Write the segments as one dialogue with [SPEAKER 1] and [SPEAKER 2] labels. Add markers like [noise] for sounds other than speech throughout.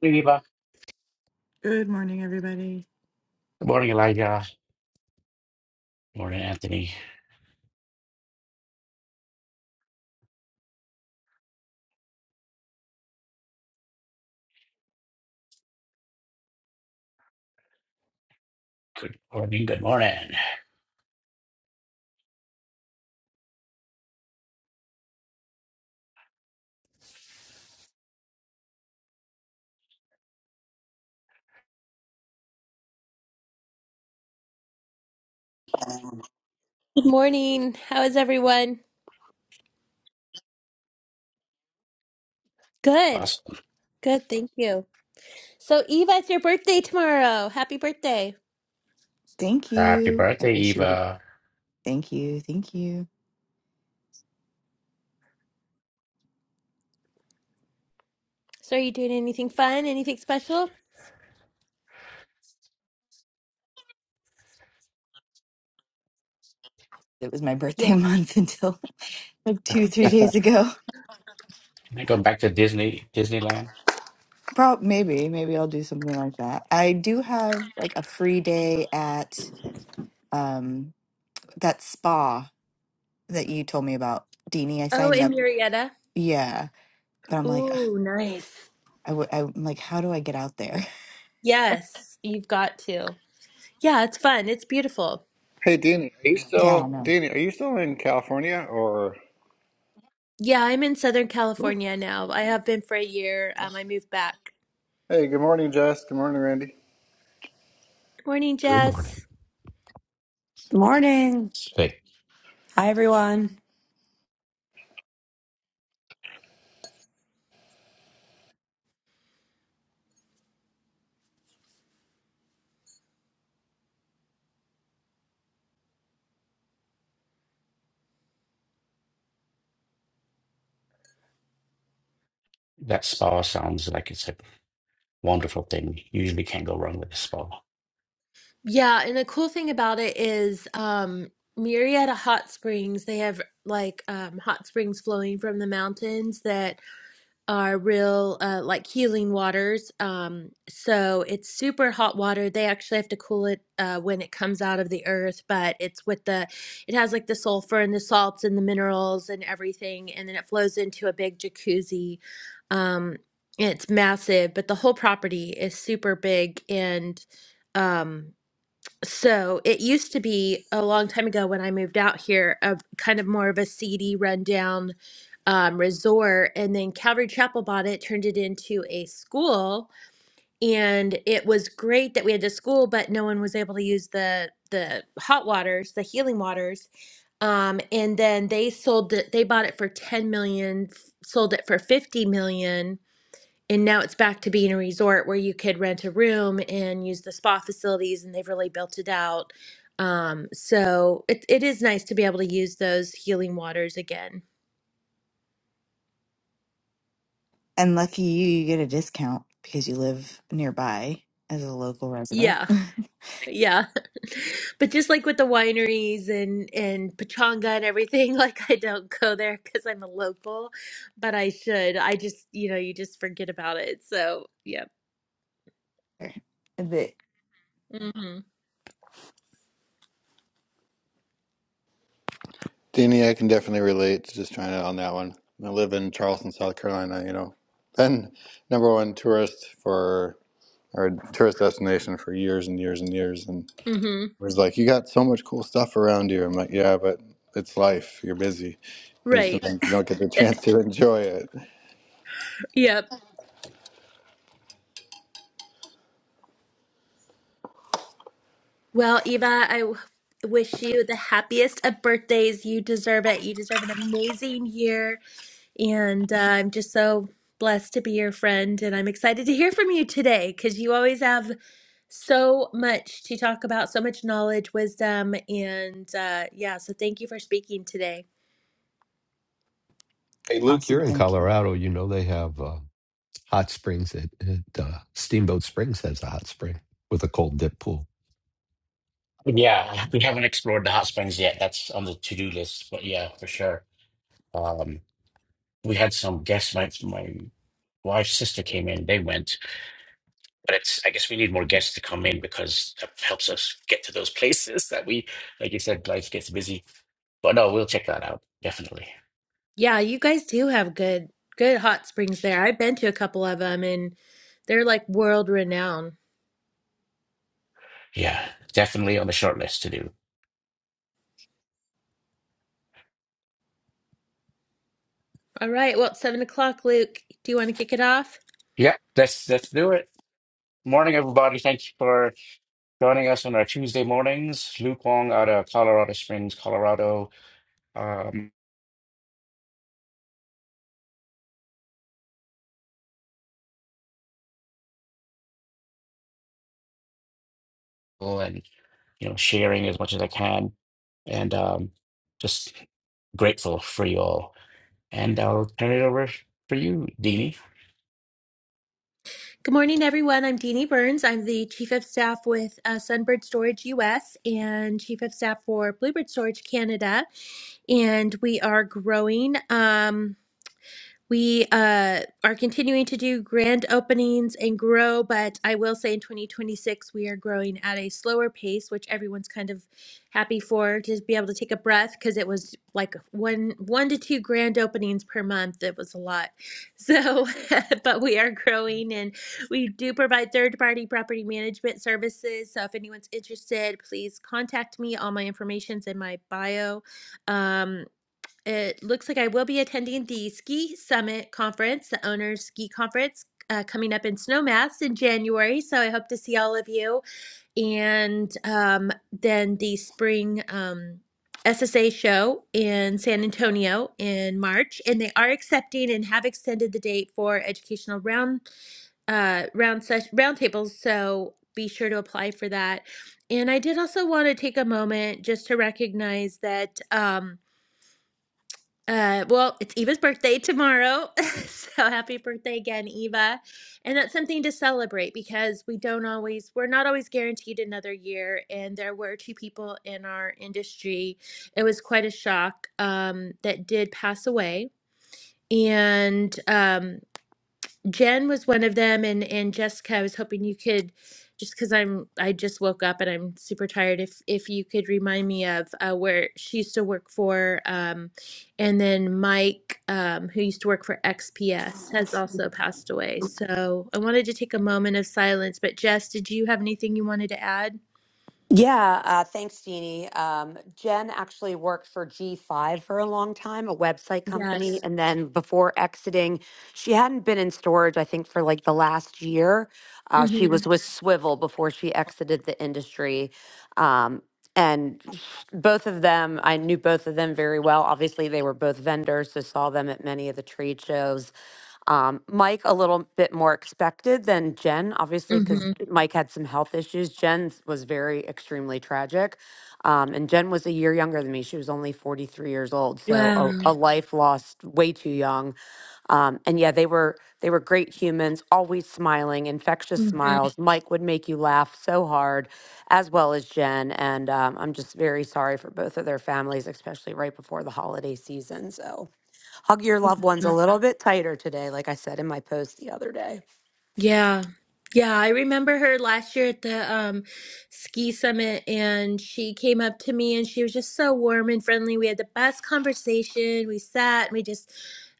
[SPEAKER 1] Morning, Eva.
[SPEAKER 2] Good morning, everybody.
[SPEAKER 1] Good morning, Elijah. Good morning, Anthony. Good morning. Good morning.
[SPEAKER 3] Morning. How is everyone? Good.
[SPEAKER 1] Awesome.
[SPEAKER 3] Good, thank you. So, Eva, it's your birthday tomorrow. Happy birthday.
[SPEAKER 2] Thank
[SPEAKER 1] Happy
[SPEAKER 2] you. I
[SPEAKER 1] birthday,
[SPEAKER 2] appreciate it.
[SPEAKER 1] Eva.
[SPEAKER 2] Thank you. Thank you.
[SPEAKER 3] So, are you doing anything fun? Anything special?
[SPEAKER 2] It was my birthday
[SPEAKER 3] Yeah.
[SPEAKER 2] month [laughs] until like two, three days ago.
[SPEAKER 1] Can I go back to Disney, Disneyland?
[SPEAKER 2] Prob maybe, maybe I'll do something like that. I do have like a free day at um that spa that you told me about, Deanie. I
[SPEAKER 3] Oh,
[SPEAKER 2] signed
[SPEAKER 3] in
[SPEAKER 2] up. Mhm.
[SPEAKER 3] Murrieta.
[SPEAKER 2] Yeah, but I'm like, ugh,
[SPEAKER 3] Ooh, nice.
[SPEAKER 2] I w- I'm like, how do I get out there? [laughs]
[SPEAKER 3] Yes, you've got to. Yeah, it's fun. It's beautiful.
[SPEAKER 4] Hey, Danny, are you
[SPEAKER 2] Yeah, I
[SPEAKER 4] still
[SPEAKER 2] know.
[SPEAKER 4] Danny? Are you still in California or?
[SPEAKER 3] Yeah, I'm in Southern
[SPEAKER 4] Cool.
[SPEAKER 3] California now. I have been for a year. Um, I moved back.
[SPEAKER 4] Hey, good morning, Jess. Good morning, Randy.
[SPEAKER 3] Morning,
[SPEAKER 5] Good
[SPEAKER 3] Jess.
[SPEAKER 5] morning.
[SPEAKER 6] Good morning.
[SPEAKER 5] Hey,
[SPEAKER 6] Hi, everyone.
[SPEAKER 1] That spa sounds like it's a wonderful thing. You Usually can't go wrong with a spa.
[SPEAKER 3] Yeah, and the cool thing about it is um Murrieta Hot Springs, they have like um hot springs flowing from the mountains that are real uh like healing waters. Um so it's super hot water. They actually have to cool it uh when it comes out of the earth, but it's with the it has like the sulfur and the salts and the minerals and everything and then it flows into a big jacuzzi. Um it's massive, but the whole property is super big and um so it used to be a long time ago when I moved out here of kind of more of a seedy, rundown um, resort, and then Calvary Chapel bought it, turned it into a school, and it was great that we had the school, but no one was able to use the the hot waters, the healing waters. Um, and then they sold it. They bought it for ten million, f- sold it for fifty million and now it's back to being a resort where you could rent a room and use the spa facilities and they've really built it out um so it, it is nice to be able to use those healing waters again
[SPEAKER 2] And lucky you, you get a discount because you live nearby as a local resident.
[SPEAKER 3] yeah
[SPEAKER 2] [laughs]
[SPEAKER 3] yeah [laughs] but just like with the wineries and and pachanga and everything [laughs] like i don't go there because i'm a local but i should i just you know you just forget about it so yeah
[SPEAKER 2] The-
[SPEAKER 3] mm-hmm.
[SPEAKER 4] Danny, I can definitely relate to just trying it on that one. I live in Charleston, South Carolina. You know, been number one tourist for or tourist destination for years and years and years, and it
[SPEAKER 3] Mm-hmm.
[SPEAKER 4] was like, you got so much cool stuff around you. I'm like, yeah, but it's life. You're busy. You
[SPEAKER 3] right
[SPEAKER 4] sometimes you don't get the chance to enjoy it.
[SPEAKER 3] Yep. Well, Eva, I w- wish you the happiest of birthdays. You deserve it. You deserve an amazing year. And uh, I'm just so blessed to be your friend. And I'm excited to hear from you today because you always have so much to talk about, so much knowledge, wisdom. And uh, yeah, so thank you for speaking today.
[SPEAKER 5] hey, Luke,
[SPEAKER 2] awesome.
[SPEAKER 5] you're in
[SPEAKER 2] Thank you.
[SPEAKER 5] Colorado. You know they have uh, hot springs at, at uh, Steamboat Springs has a hot spring with a cold dip pool.
[SPEAKER 1] But yeah, [laughs] we haven't explored the hot springs yet. That's on the to-do list. But yeah, for sure. Um, we had some guests. My my wife's sister came in. They went. But it's I guess we need more guests to come in because that helps us get to those [laughs] places that we, like you said, life gets busy. But no, we'll check that out. Definitely.
[SPEAKER 3] Yeah, you guys do have good, good hot springs there. I've been to a couple of them and they're like world renowned.
[SPEAKER 1] Yeah, definitely on the short list to do.
[SPEAKER 3] All right. Well, it's seven o'clock, Luke. Do you want to kick it off?
[SPEAKER 1] Yeah, let's let's do it. Morning, everybody. Thank you for joining us on our Tuesday mornings. Luke Wong out of Colorado Springs, Colorado, um, and you know, sharing as much as I can, and um, just grateful for you all. And I'll turn it over for you, Dini.
[SPEAKER 3] Good morning, everyone. I'm Deanie Burns. I'm the Chief of Staff with uh, Sunbird Storage US and Chief of Staff for Bluebird Storage Canada. And we are growing. Um, we uh, are continuing to do grand openings and grow, but I will say in 2026, we are growing at a slower pace, which everyone's kind of happy for to be able to take a breath because it was like one, one to two grand openings per month. It was a lot. So, [laughs] but we are growing and we do provide third party property management services. So, if anyone's interested, please contact me. All my information's in my bio. Um, it looks like I will be attending the Ski Summit Conference, the Owners Ski Conference. Uh, coming up in Snowmass in January. So I hope to see all of you. And um, then the spring um, SSA show in San Antonio in March. And they are accepting and have extended the date for educational round uh, round ses- roundtables. So be sure to apply for that. And I did also want to take a moment just to recognize that. Um, uh, well, it's Eva's birthday tomorrow. [laughs] so happy birthday again, Eva. And that's something to celebrate because we don't always, we're not always guaranteed another year. And there were two people in our industry. It was quite a shock um, that did pass away. And um, Jen was one of them, and and Jessica. I was hoping you could, just because I'm I just woke up and I'm super tired. If if you could remind me of uh, where she used to work for, um, and then Mike, um, who used to work for XPS, has also passed away. So I wanted to take a moment of silence. But Jess, did you have anything you wanted to add?
[SPEAKER 6] Yeah, uh, thanks, Jeannie. Um, Jen actually worked for G5 for a long time, a website company.
[SPEAKER 3] Yes.
[SPEAKER 6] And then before exiting, she hadn't been in storage, I think, for like the last year. Uh, she
[SPEAKER 3] Mm-hmm.
[SPEAKER 6] was with Swivel before she exited the industry. Um, and sh- both of them, I knew both of them very well. Obviously, they were both vendors, so saw them at many of the trade shows. Um, Mike, a little bit more expected than Jen, obviously, because
[SPEAKER 3] Mm-hmm.
[SPEAKER 6] Mike had some health issues. Jen's was very extremely tragic. Um, and Jen was a year younger than me. She was only 43 years old. So a,
[SPEAKER 3] Wow.
[SPEAKER 6] a life lost way too young. Um, and yeah, they were they were great humans, always smiling, infectious
[SPEAKER 3] Mm-hmm.
[SPEAKER 6] smiles. Mike would make you laugh so hard, as well as Jen. And um, I'm just very sorry for both of their families, especially right before the holiday season. So hug your loved ones
[SPEAKER 3] Yeah.
[SPEAKER 6] a little bit tighter today, like I said in my post the other day.
[SPEAKER 3] Yeah. Yeah, I remember her last year at the um, ski summit, and she came up to me and she was just so warm and friendly. We had the best conversation. We sat and we just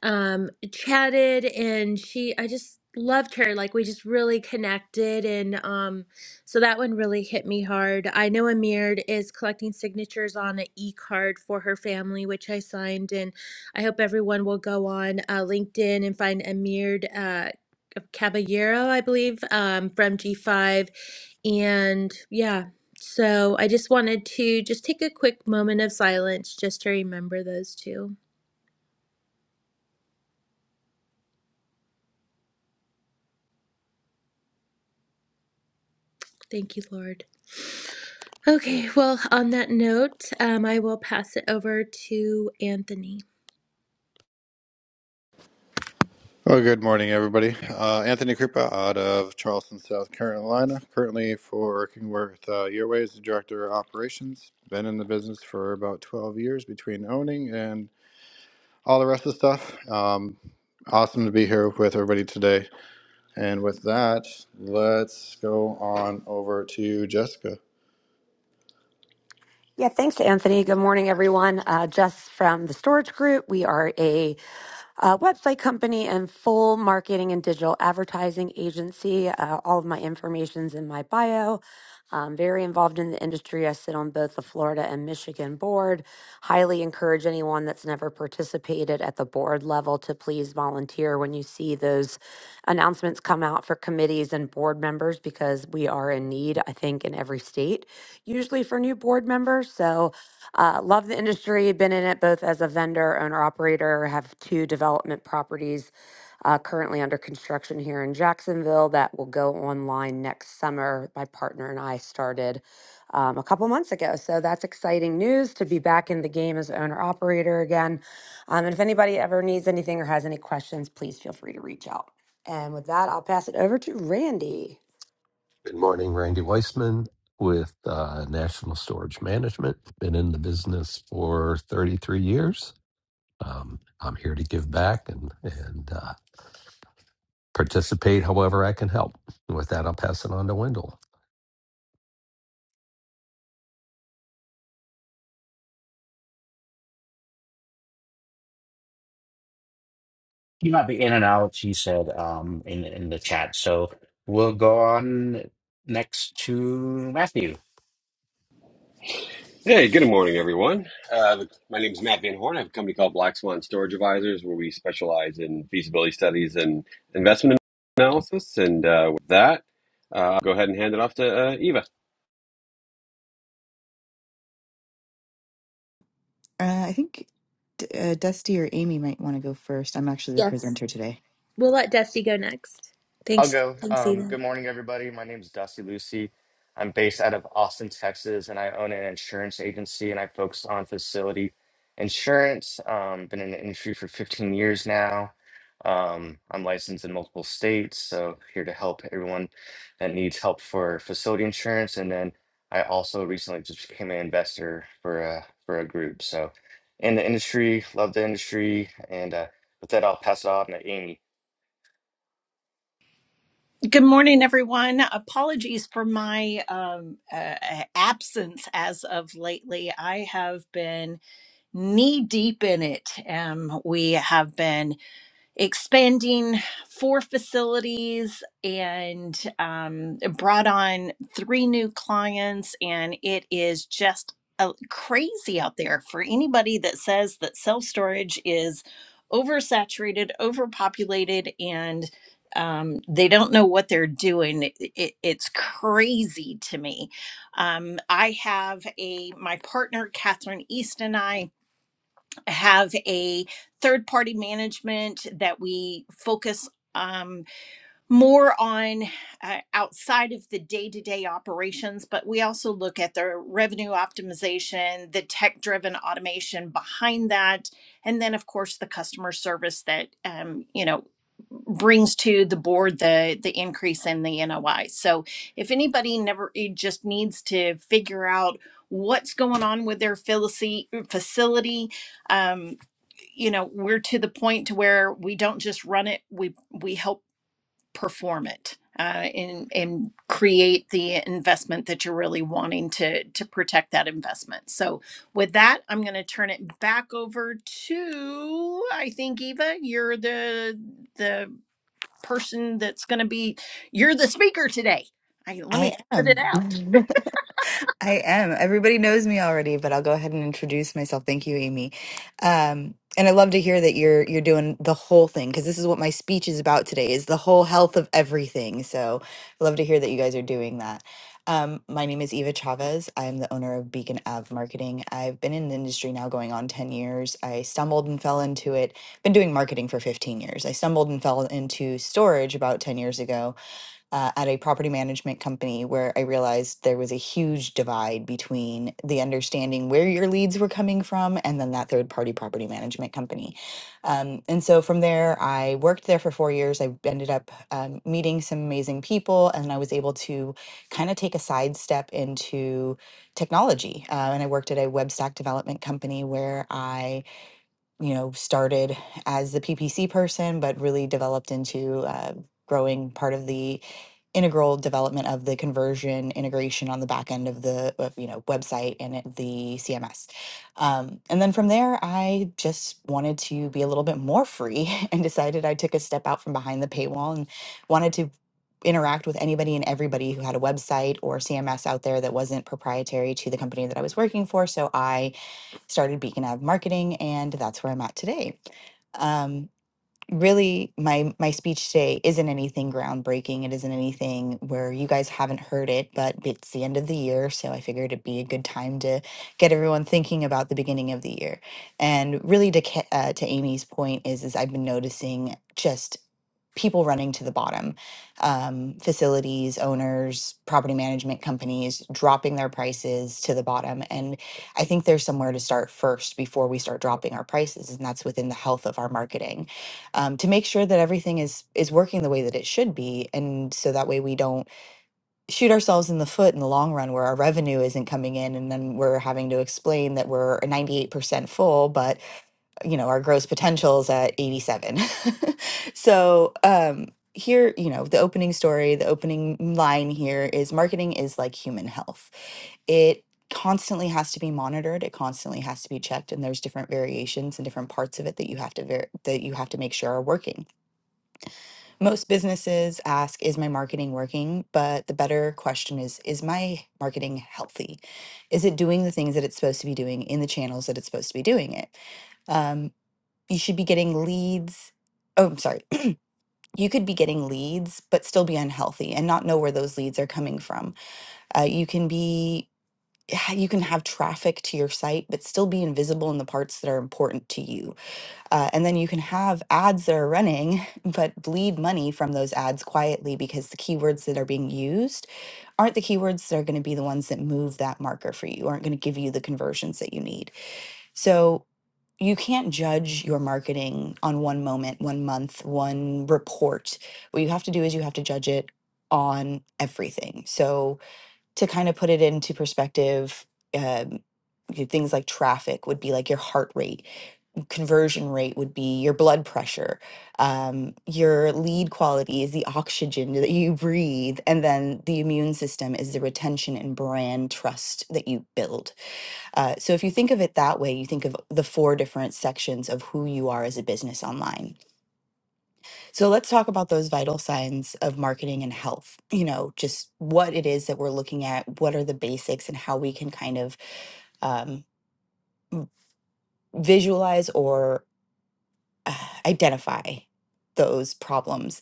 [SPEAKER 3] um, chatted, and she, I just loved her. Like, we just really connected. And um, so that one really hit me hard. I know Amired is collecting signatures on an e card for her family, which I signed, and I hope everyone will go on uh, LinkedIn and find Amired Caballero, I believe, um, from G5. And yeah, so I just wanted to just take a quick moment of silence just to remember those two. Thank you, Lord. Okay, well, on that note, um, I will pass it over to Anthony.
[SPEAKER 4] Well, good morning, everybody. Uh, Anthony Krupa out of Charleston, South Carolina, currently for working with uh, Airways, Director of Operations. Been in the business for about 12 years between owning and all the rest of the stuff. Um, awesome to be here with everybody today. And with that, let's go on over to Jessica.
[SPEAKER 6] Yeah, thanks, Anthony. Good morning, everyone. Uh, Jess from the Storage Group. We are a uh, website company and full marketing and digital advertising agency. Uh, all of my information's in my bio. I'm very involved in the industry. I sit on both the Florida and Michigan board. Highly encourage anyone that's never participated at the board level to please volunteer when you see those announcements come out for committees and board members because we are in need, I think, in every state, usually for new board members. So uh, love the industry, been in it both as a vendor, owner operator, have two development properties uh, currently under construction here in Jacksonville that will go online next summer. My partner and I started um, a couple months ago. So that's exciting news to be back in the game as owner operator again. Um, and if anybody ever needs anything or has any questions, please feel free to reach out. And with that, I'll pass it over to Randy.
[SPEAKER 5] Good morning, Randy Weissman with uh, National Storage Management. Been in the business for 33 years. Um, I'm here to give back and and uh, participate however I can help. And with that, I'll pass it on to Wendell.
[SPEAKER 1] You might be in and out, He said, um, in in the chat. So we'll go on next to Matthew.
[SPEAKER 7] Hey, good morning, everyone. Uh, my name is Matt Van Horn. I have a company called Black Swan Storage Advisors, where we specialize in feasibility studies and investment analysis. And uh, with that, uh, I'll go ahead and hand it off to uh, Eva.
[SPEAKER 2] Uh, I think D- uh, Dusty or Amy might want to go first. I'm actually the
[SPEAKER 3] Yes.
[SPEAKER 2] presenter today.
[SPEAKER 3] We'll let Dusty go next.
[SPEAKER 8] I'll
[SPEAKER 3] Thanks.
[SPEAKER 8] go.
[SPEAKER 3] Thanks,
[SPEAKER 8] Um,
[SPEAKER 3] Eva.
[SPEAKER 8] good morning, everybody. My name is Dusty Lucy. I'm based out of Austin, Texas, and I own an insurance agency and I focus on facility insurance. Um, been in the industry for 15 years now. Um, I'm licensed in multiple states, so here to help everyone that needs help for facility insurance. And then I also recently just became an investor for a for a group. So in the industry, love the industry, and uh, with that, I'll pass it off to Amy.
[SPEAKER 9] Good morning, everyone. Apologies for my um, uh, absence as of lately. I have been knee deep in it. Um, we have been expanding four facilities and um, brought on three new clients and it is just uh, crazy out there for anybody that says that self storage is oversaturated overpopulated and um, they don't know what they're doing it, it- it's crazy to me um, i have a my partner catherine east and i have a third party management that we focus um, more on uh, outside of the day-to-day operations but we also look at the revenue optimization the tech driven automation behind that and then of course the customer service that um, you know brings to the board the the increase in the NOI. So if anybody never it just needs to figure out what's going on with their facility um you know we're to the point to where we don't just run it we we help perform it uh, and and create the investment that you're really wanting to to protect that investment. So with that, I'm going to turn it back over to I think Eva, you're the the person that's going to be you're the speaker today. I, let me
[SPEAKER 2] I
[SPEAKER 9] put it
[SPEAKER 2] am.
[SPEAKER 9] out.
[SPEAKER 2] [laughs] I am. Everybody knows me already, but I'll go ahead and introduce myself. Thank you, Amy. Um, and I love to hear that you're you're doing the whole thing because this is what my speech is about today is the whole health of everything. So I love to hear that you guys are doing that. Um, my name is Eva Chavez. I'm the owner of Beacon Ave Marketing. I've been in the industry now going on 10 years. I stumbled and fell into it. Been doing marketing for 15 years. I stumbled and fell into storage about 10 years ago uh, at a property management company where I realized there was a huge divide between the understanding where your leads were coming from and then that third party property management company. Um, and so from there, I worked there for four years. I ended up um, meeting some amazing people, and I was able to kind of take a sidestep into technology. Uh, and I worked at a web stack development company where I, you know, started as the PPC person, but really developed into uh, growing part of the integral development of the conversion integration on the back end of the of, you know website and it- the CMS. Um, and then from there, I just wanted to be a little bit more free [laughs] and decided I took a step out from behind the paywall and wanted to interact with anybody and everybody who had a website or CMS out there that wasn't proprietary to the company that I was working for. So I started Beacon Ave Marketing, and that's where I'm at today. Um, really my my speech today isn't anything groundbreaking it isn't anything where you guys haven't heard it but it's the end of the year so i figured it'd be a good time to get everyone thinking about the beginning of the year and really to Ca- uh, to amy's point is is i've been noticing just people running to the bottom um, facilities owners property management companies dropping their prices to the bottom and i think there's somewhere to start first before we start dropping our prices and that's within the health of our marketing um, to make sure that everything is is working the way that it should be and so that way we don't shoot ourselves in the foot in the long run where our revenue isn't coming in and then we're having to explain that we're 98% full but you know, our gross potentials at 87. [laughs] so, um, here, you know, the opening story, the opening line here is marketing is like human health. It constantly has to be monitored, it constantly has to be checked, and there's different variations and different parts of it that you have to ver- that you have to make sure are working. Most businesses ask, is my marketing working? But the better question is, is my marketing healthy? Is it doing the things that it's supposed to be doing in the channels that it's supposed to be doing it? Um, you should be getting leads. Oh, I'm sorry. [clears throat] You could be getting leads, but still be unhealthy and not know where those leads are coming from. Uh, you can be, [sighs] you can have traffic to your site, but still be invisible in the parts that are important to you. Uh, and then you can have ads that are running, [laughs] but bleed money from those ads quietly because the keywords that are being used aren't the keywords that are going to be the ones that move that marker for you, aren't going to give you the conversions that you need. So you can't judge your marketing on one moment, one month, one report. What you have to do is you have to judge it on everything. So, to kind of put it into perspective, um, you- things like traffic would be like your heart rate, conversion rate would be your blood pressure, um, your lead quality is the oxygen that you breathe, and then the immune system is the retention and brand trust that you build uh, so if you think of it that way, you think of the four different sections of who you are as a business online. So let's talk about those vital signs of marketing and health. You know, just what it is that we're looking at, what are the basics, and how we can kind of um, visualize or uh, identify those problems.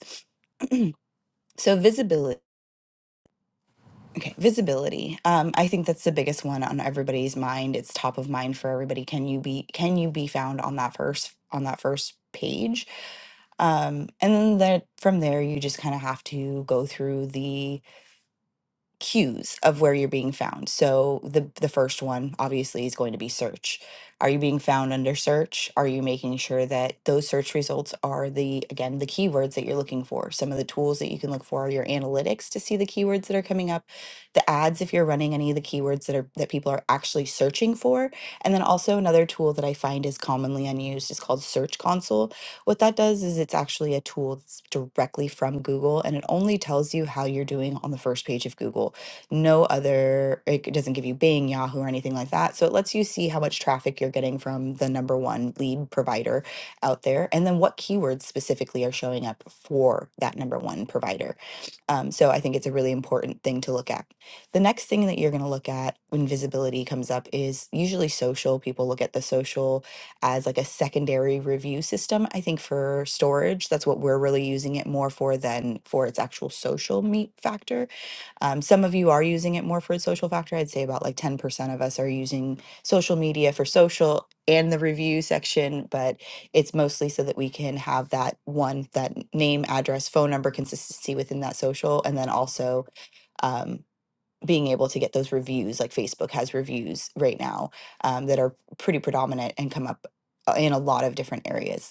[SPEAKER 2] [clears throat] so visibility. Okay, visibility. Um, I think that's the biggest one on everybody's mind. It's top of mind for everybody. Can you be can you be found on that first on that first page? Um, and then that from there, you just kind of have to go through the cues of where you're being found. So the the first one obviously is going to be search. Are you being found under search? Are you making sure that those search results are the again the keywords that you're looking for? Some of the tools that you can look for are your analytics to see the keywords that are coming up, the ads if you're running any of the keywords that are that people are actually searching for, and then also another tool that I find is commonly unused is called Search Console what that does is it's actually a tool that's directly from Google and it only tells you how you're doing on the first page of Google. No other, it doesn't give you Bing, Yahoo, or anything like that. So it lets you see how much traffic you're getting from the number one lead provider out there and then what keywords specifically are showing up for that number one provider. Um, so I think it's a really important thing to look at. The next thing that you're going to look at when visibility comes up is usually social. People look at the social as like a secondary review system. I think for storage, that's what we're really using it more for than for its actual social meat factor. Um, some of you are using it more for its social factor. I'd say about like 10% of us are using social media for social and the review section, but it's mostly so that we can have that one, that name, address, phone number consistency within that social, and then also um, being able to get those reviews. Like Facebook has reviews right now um, that are pretty predominant and come up uh, in a lot of different areas.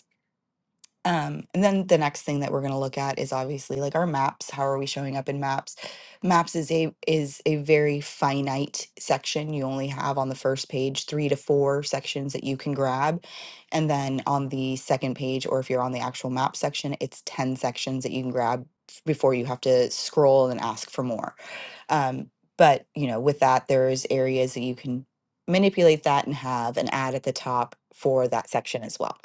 [SPEAKER 2] Um, and then the next thing that we're going to look at is obviously like our maps. How are we showing up in maps? Maps is a is a very finite section. You only have on the first page three to four sections that you can grab, and then on the second page, or if you're on the actual map section, it's ten sections that you can grab f- before you have to scroll and ask for more. Um, but you know, with that, there's areas that you can manipulate that and have an ad at the top for that section as well.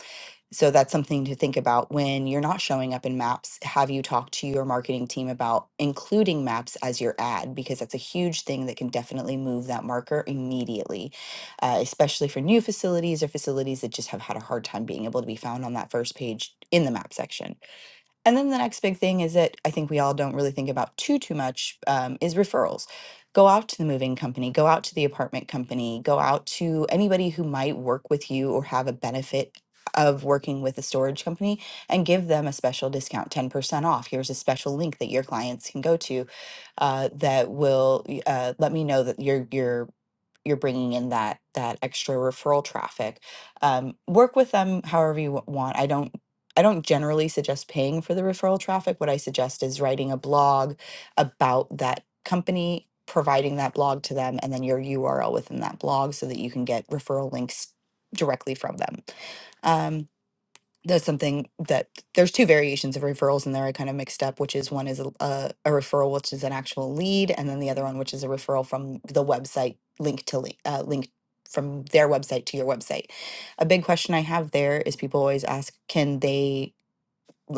[SPEAKER 2] So that's something to think about when you're not showing up in maps. Have you talked to your marketing team about including maps as your ad? Because that's a huge thing that can definitely move that marker immediately, uh, especially for new facilities or facilities that just have had a hard time being able to be found on that first page in the map section. And then the next big thing is that I think we all don't really think about too too much um, is referrals. Go out to the moving company, go out to the apartment company, go out to anybody who might work with you or have a benefit of working with a storage company and give them a special discount 10% off here's a special link that your clients can go to uh, that will y- uh, let me know that your your you're bringing in that that extra referral traffic um, work with them however you wa- want i don't i don't generally suggest paying for the referral traffic what i suggest is writing a blog about that company providing that blog to them and then your url within that blog so that you can get referral links directly from them Um, that's something that there's two variations of referrals in there I kind of mixed up, which is one is a, a, a referral, which is an actual lead, and then the other one, which is a referral from the website link to link, uh, link from their website to your website. A big question I have there is people always ask, can they,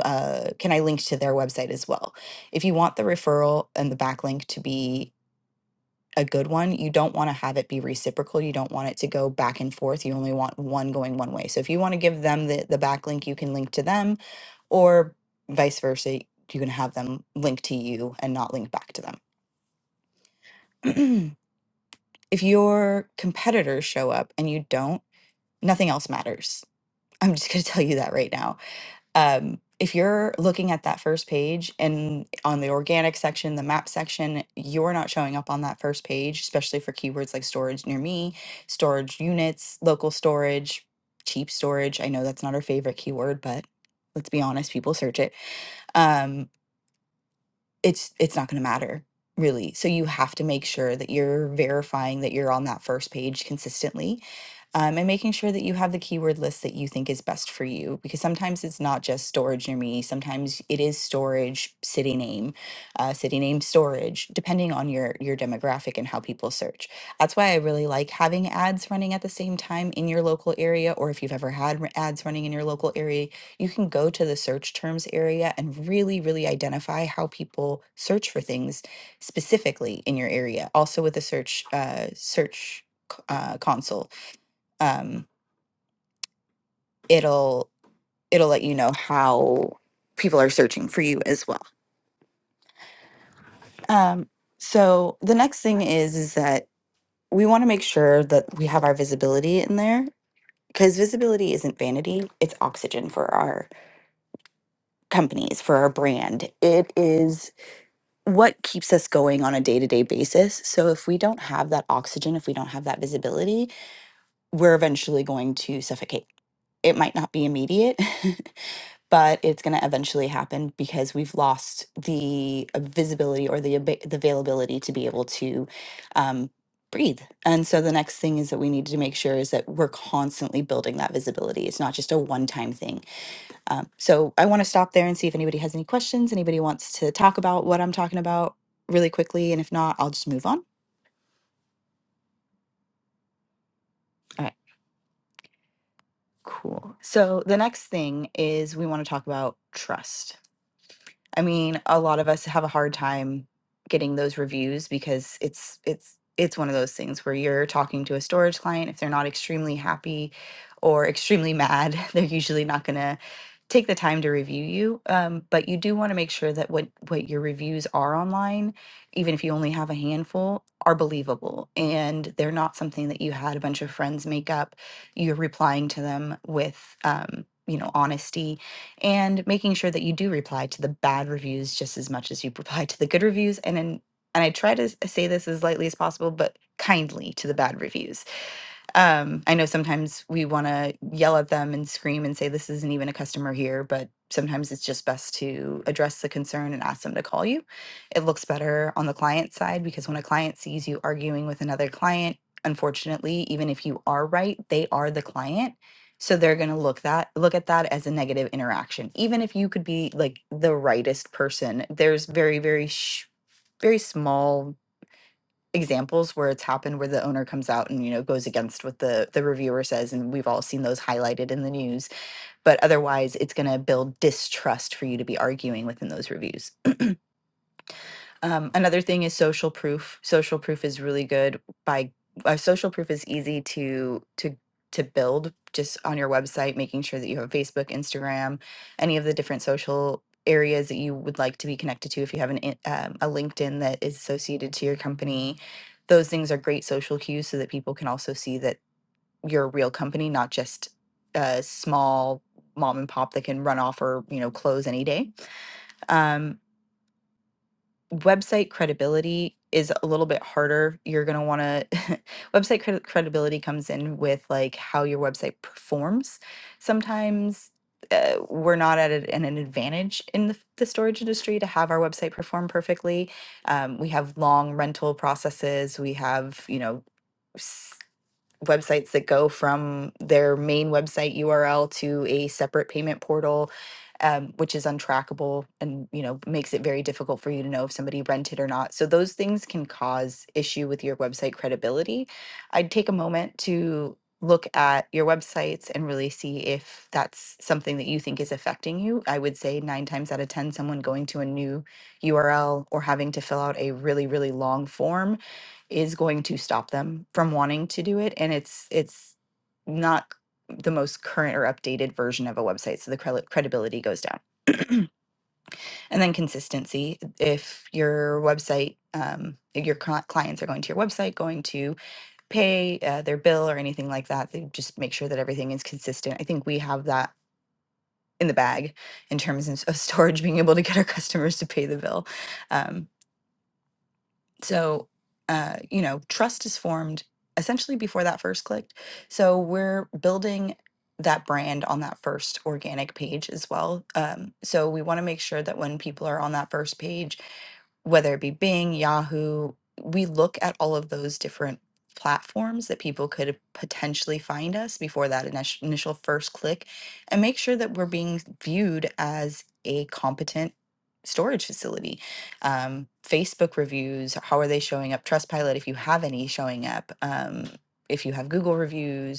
[SPEAKER 2] uh, can I link to their website as well? If you want the referral and the backlink to be a good one, you don't want to have it be reciprocal. You don't want it to go back and forth. You only want one going one way. So if you want to give them the, the backlink, you can link to them or vice versa. You can have them link to you and not link back to them. [clears throat] if your competitors show up and you don't, nothing else matters. I'm just going to [laughs] tell you that right now. Um, if you're looking at that first page and on the organic section, the map section, you're not showing up on that first page, especially for keywords like storage near me, storage units, local storage, cheap storage. I know that's not our favorite keyword, but let's be honest, people search it. Um, it's it's not going to matter really so you have to make sure that you're verifying that you're on that first page consistently um, and making sure that you have the keyword list that you think is best for you because sometimes it's not just storage near me sometimes it is storage city name uh, city name storage depending on your your demographic and how people search that's why i really like having ads running at the same time in your local area or if you've ever had r- ads running in your local area you can go to the search terms area and really really identify how people search for things specifically in your area also with the search uh, search c- uh, console um, it'll it'll let you know how people are searching for you as well. Um, so the next thing is is that we want to make sure that we have our visibility in there because visibility isn't vanity; it's oxygen for our companies, for our brand. It is what keeps us going on a day to day basis. So if we don't have that oxygen, if we don't have that visibility, we're eventually going to suffocate it might not be immediate [laughs] but it's going to eventually happen because we've lost the uh, visibility or the aba- the availability to be able to um, breathe. And so the next thing is that we need to make sure is that we're constantly building that visibility. It's not just a one time thing. Um, so I want to stop there and see if anybody has any questions. Anybody wants to talk about what I'm talking about really quickly, and if not, I'll just move on. All right, cool. So the next thing is we want to talk about trust I mean, a lot of us have a hard time getting those reviews because it's it's it's one of those things where you're talking to a storage client if they're not extremely happy or extremely mad, [laughs] they're usually not going to take the time to review you. Um, but you do want to make sure that what what your reviews are online, even if you only have a handful, are believable and they're not something that you had a bunch of friends make up. You're replying to them with um, you know honesty and making sure that you do reply to the bad reviews just as much as you reply to the good reviews and then and I try to s- say this as lightly as possible, but kindly to the bad reviews um, I know sometimes we want to yell at them and scream and say, this isn't even a customer here, but sometimes it's just best to address the concern and ask them to call you. It looks better on the client side because when a client sees you arguing with another client, unfortunately, even if you are right, they are the client. So they're going to look that look at that as a negative interaction. Even if you could be like the rightest person, there's very very sh- very small examples where it's happened where the owner comes out and you know goes against what the the reviewer says and we've all seen those highlighted in the news but otherwise it's going to build distrust for you to be arguing within those reviews um, another thing is social proof. Social proof is really good by uh, social proof is easy to to to build just on your website, making sure that you have Facebook, Instagram, any of the different social areas that you would like to be connected to. If you have an in- um, a LinkedIn that is associated to your company, those things are great social cues so that people can also see that you're a real company, not just a small mom and pop that can run off or you know close any day Um, website credibility is a little bit harder. You're going to want to [laughs] website cred- credibility comes in with like how your website performs. Sometimes uh, we're not at an an advantage in the, the storage industry to have our website perform perfectly. Um, we have long rental processes. We have, you know, websites that go from their main website URL to a separate payment portal, um, which is untrackable and you know makes it very difficult for you to know if somebody rented or not. So those things can cause issue with your website credibility. I'd take a moment to look at your websites and really see if that's something that you think is affecting you. I would say 9 times out of 10 someone going to a new URL or having to fill out a really really long form is going to stop them from wanting to do it and it's it's not c- the most current or updated version of a website so the credi- credibility goes down and then consistency if your website um, if your cli- clients are going to your website going to pay uh, their bill or anything like that they just make sure that everything is consistent i think we have that in the bag in terms of of storage being able to get our customers to pay the bill Um, So, uh, you know, trust is formed essentially before that first click. So we're building that brand on that first organic page as well. Um, so we want to make sure that when people are on that first page, whether it be Bing, Yahoo, we look at all of those different platforms that people could potentially find us before that init- initial first click and make sure that we're being viewed as a competent storage facility. Um, Facebook reviews, how are they showing up? Trustpilot, if you have any showing up. Um, if you have Google reviews,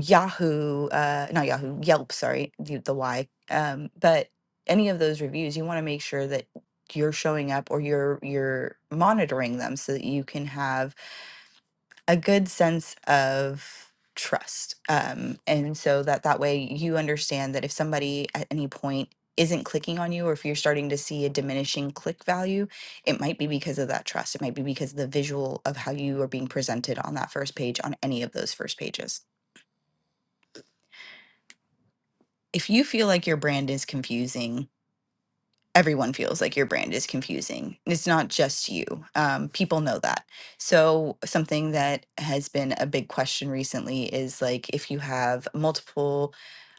[SPEAKER 2] Yahoo, uh, not Yahoo, Yelp, sorry, the, the Y. Um, but any of those reviews, you want to make sure that you're showing up or you're you're monitoring them so that you can have a good sense of trust. Um, and so that that way you understand that if somebody at any point isn't clicking on you or if you're starting to see a diminishing click value, it might be because of that trust. It might be because of the visual of how you are being presented on that first page on any of those first pages. if you feel like your brand is confusing, everyone feels like your brand is confusing. It's not just you. Um, people know that. So, something that has been a big question recently is like if you have multiple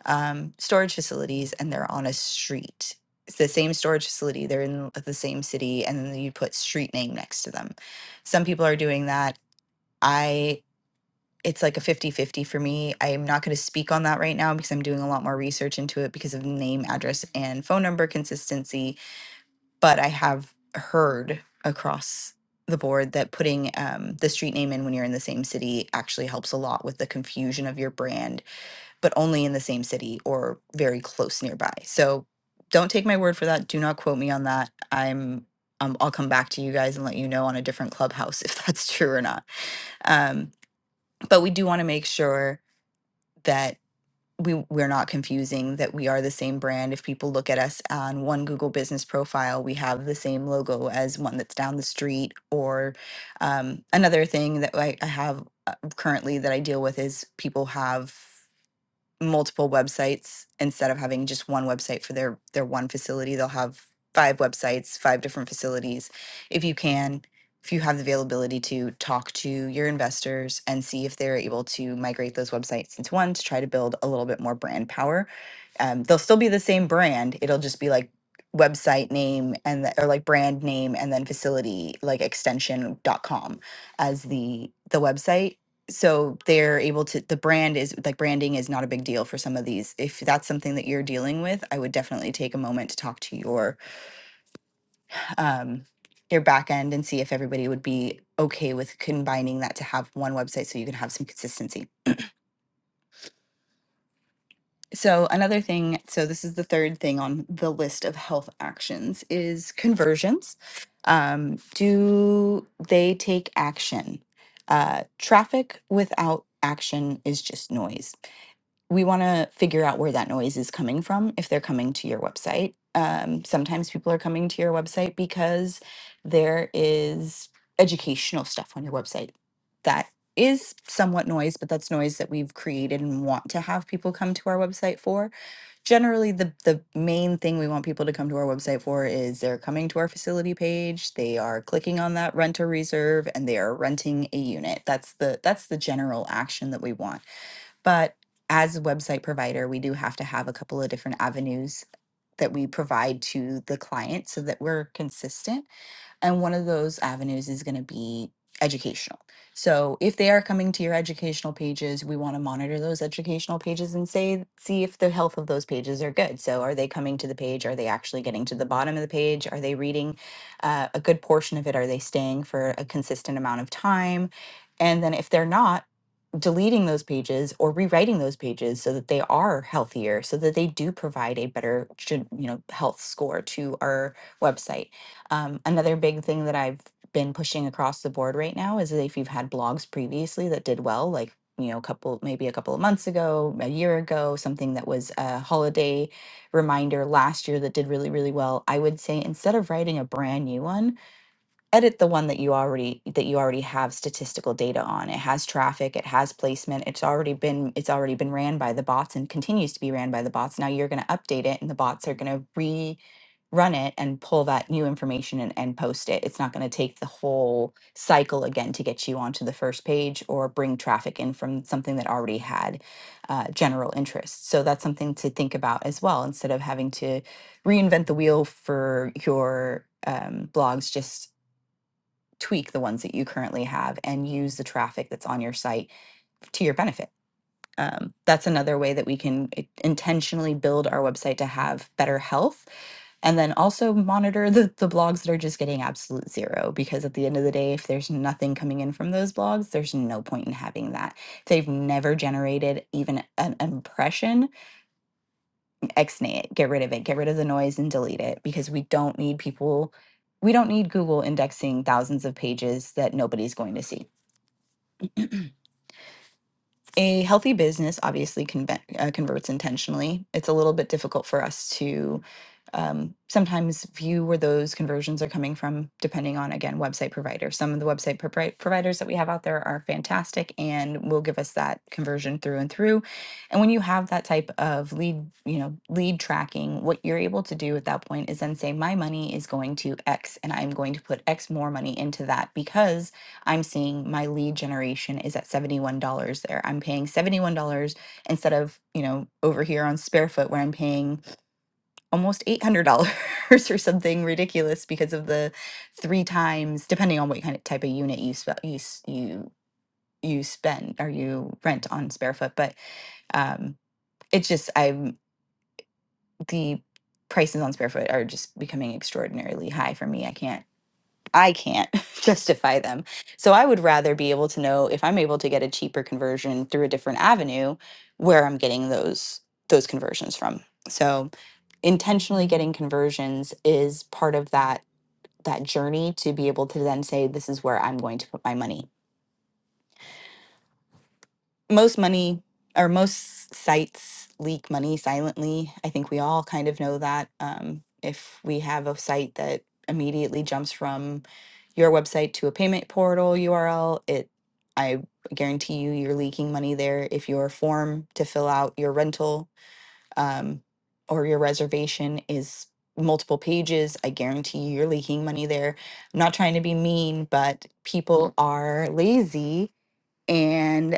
[SPEAKER 2] um, storage facilities and they're on a street, it's the same storage facility, they're in the same city, and then you put street name next to them. Some people are doing that. I it's like a fifty-fifty for me. I'm not going to speak on that right now because I'm doing a lot more research into it because of name, address, and phone number consistency. But I have heard across the board that putting um, the street name in when you're in the same city actually helps a lot with the confusion of your brand, but only in the same city or very close nearby. So don't take my word for that. Do not quote me on that. I'm um, I'll come back to you guys and let you know on a different clubhouse [laughs] if that's true or not. Um, but we do want to make sure that we we're not confusing that we are the same brand if people look at us on one google business profile we have the same logo as one that's down the street or um, another thing that I, I have uh, currently that i deal with is people have multiple websites instead of having just one website for their their one facility they'll have five websites five different facilities if you can if you have the availability to talk to your investors and see if they're able to migrate those websites into one to try to build a little bit more brand power um, they'll still be the same brand it'll just be like website name and the, or like brand name and then facility like extension dot com as the the website so they're able to the brand is like branding is not a big deal for some of these if that's something that you're dealing with i would definitely take a moment to talk to your um your back end and see if everybody would be okay with combining that to have one website so you can have some consistency so another thing so this is the third thing on the list of health actions is conversions um, do they take action uh, traffic without action is just noise we want to figure out where that noise is coming from if they're coming to your website. Um, sometimes people are coming to your website because there is educational stuff on your website that is somewhat noise, but that's noise that we've created and want to have people come to our website for. Generally, the, the main thing we want people to come to our website for is they're coming to our facility page, they are clicking on that rent or reserve, and they are renting a unit. That's the that's the general action that we want but as a website provider, we do have to have a couple of different avenues that we provide to the client so that we're consistent. And one of those avenues is going to be educational. So if they are coming to your educational pages, we want to monitor those educational pages and say see if the health of those pages are good. So are they coming to the page? Are they actually getting to the bottom of the page? Are they reading uh, a good portion of it? Are they staying for a consistent amount of time? And then if they're not, deleting those pages or rewriting those pages so that they are healthier so that they do provide a better gen- you know health score to our website um, another big thing that i've been pushing across the board right now is that if you've had blogs previously that did well like you know a couple maybe a couple of months ago a year ago something that was a holiday reminder last year that did really really well i would say instead of writing a brand new one edit the one that you already that you already have statistical data on it has traffic it has placement it's already been it's already been ran by the bots and continues to be ran by the bots now you're going to update it and the bots are going to rerun it and pull that new information and, and post it it's not going to take the whole cycle again to get you onto the first page or bring traffic in from something that already had uh, general interest so that's something to think about as well instead of having to reinvent the wheel for your um, blogs just tweak the ones that you currently have and use the traffic that's on your site to your benefit. Um, that's another way that we can eh, intentionally build our website to have better health and then also monitor the, the blogs that are just getting absolute zero because at the end of the day if there's nothing coming in from those blogs there's no point in having that if they've never generated even an impression exnay it get rid of it get rid of the noise and delete it because we don't need people we don't need google indexing thousands of pages that nobody's going to see a healthy business obviously conve- uh, converts intentionally. It's a little bit difficult for us to um, sometimes view where those conversions are coming from, depending on, again, website provider. Some of the website provi- providers that we have out there are fantastic and will give us that conversion through and through. And when you have that type of lead, you know, lead tracking, what you're able to do at that point is then say, my money is going to X and I'm going to put X more money into that because I'm seeing my lead generation is at $71 there. I'm paying $71 instead of, you know, over here on Sparefoot where I'm paying almost $800 [laughs] or something ridiculous because of the three times depending on what kind of type of unit you spe- you s- you you spend or you rent on Sparefoot, but um it's just I'm the prices on Sparefoot are just becoming extraordinarily high for me. I can't I can't [laughs] justify them. So I would rather be able to know if I'm able to get a cheaper conversion through a different avenue where I'm getting those those conversions from. So intentionally getting conversions is part of that that journey to be able to then say this is where I'm going to put my money most money or most sites leak money silently. I think we all kind of know that. Um, if we have a site that immediately jumps from your website to a payment portal URL, it I guarantee you you're leaking money there. If your form to fill out your rental um, or your reservation is multiple pages, I guarantee you you're leaking money there. I'm not trying to be mean, but people are lazy and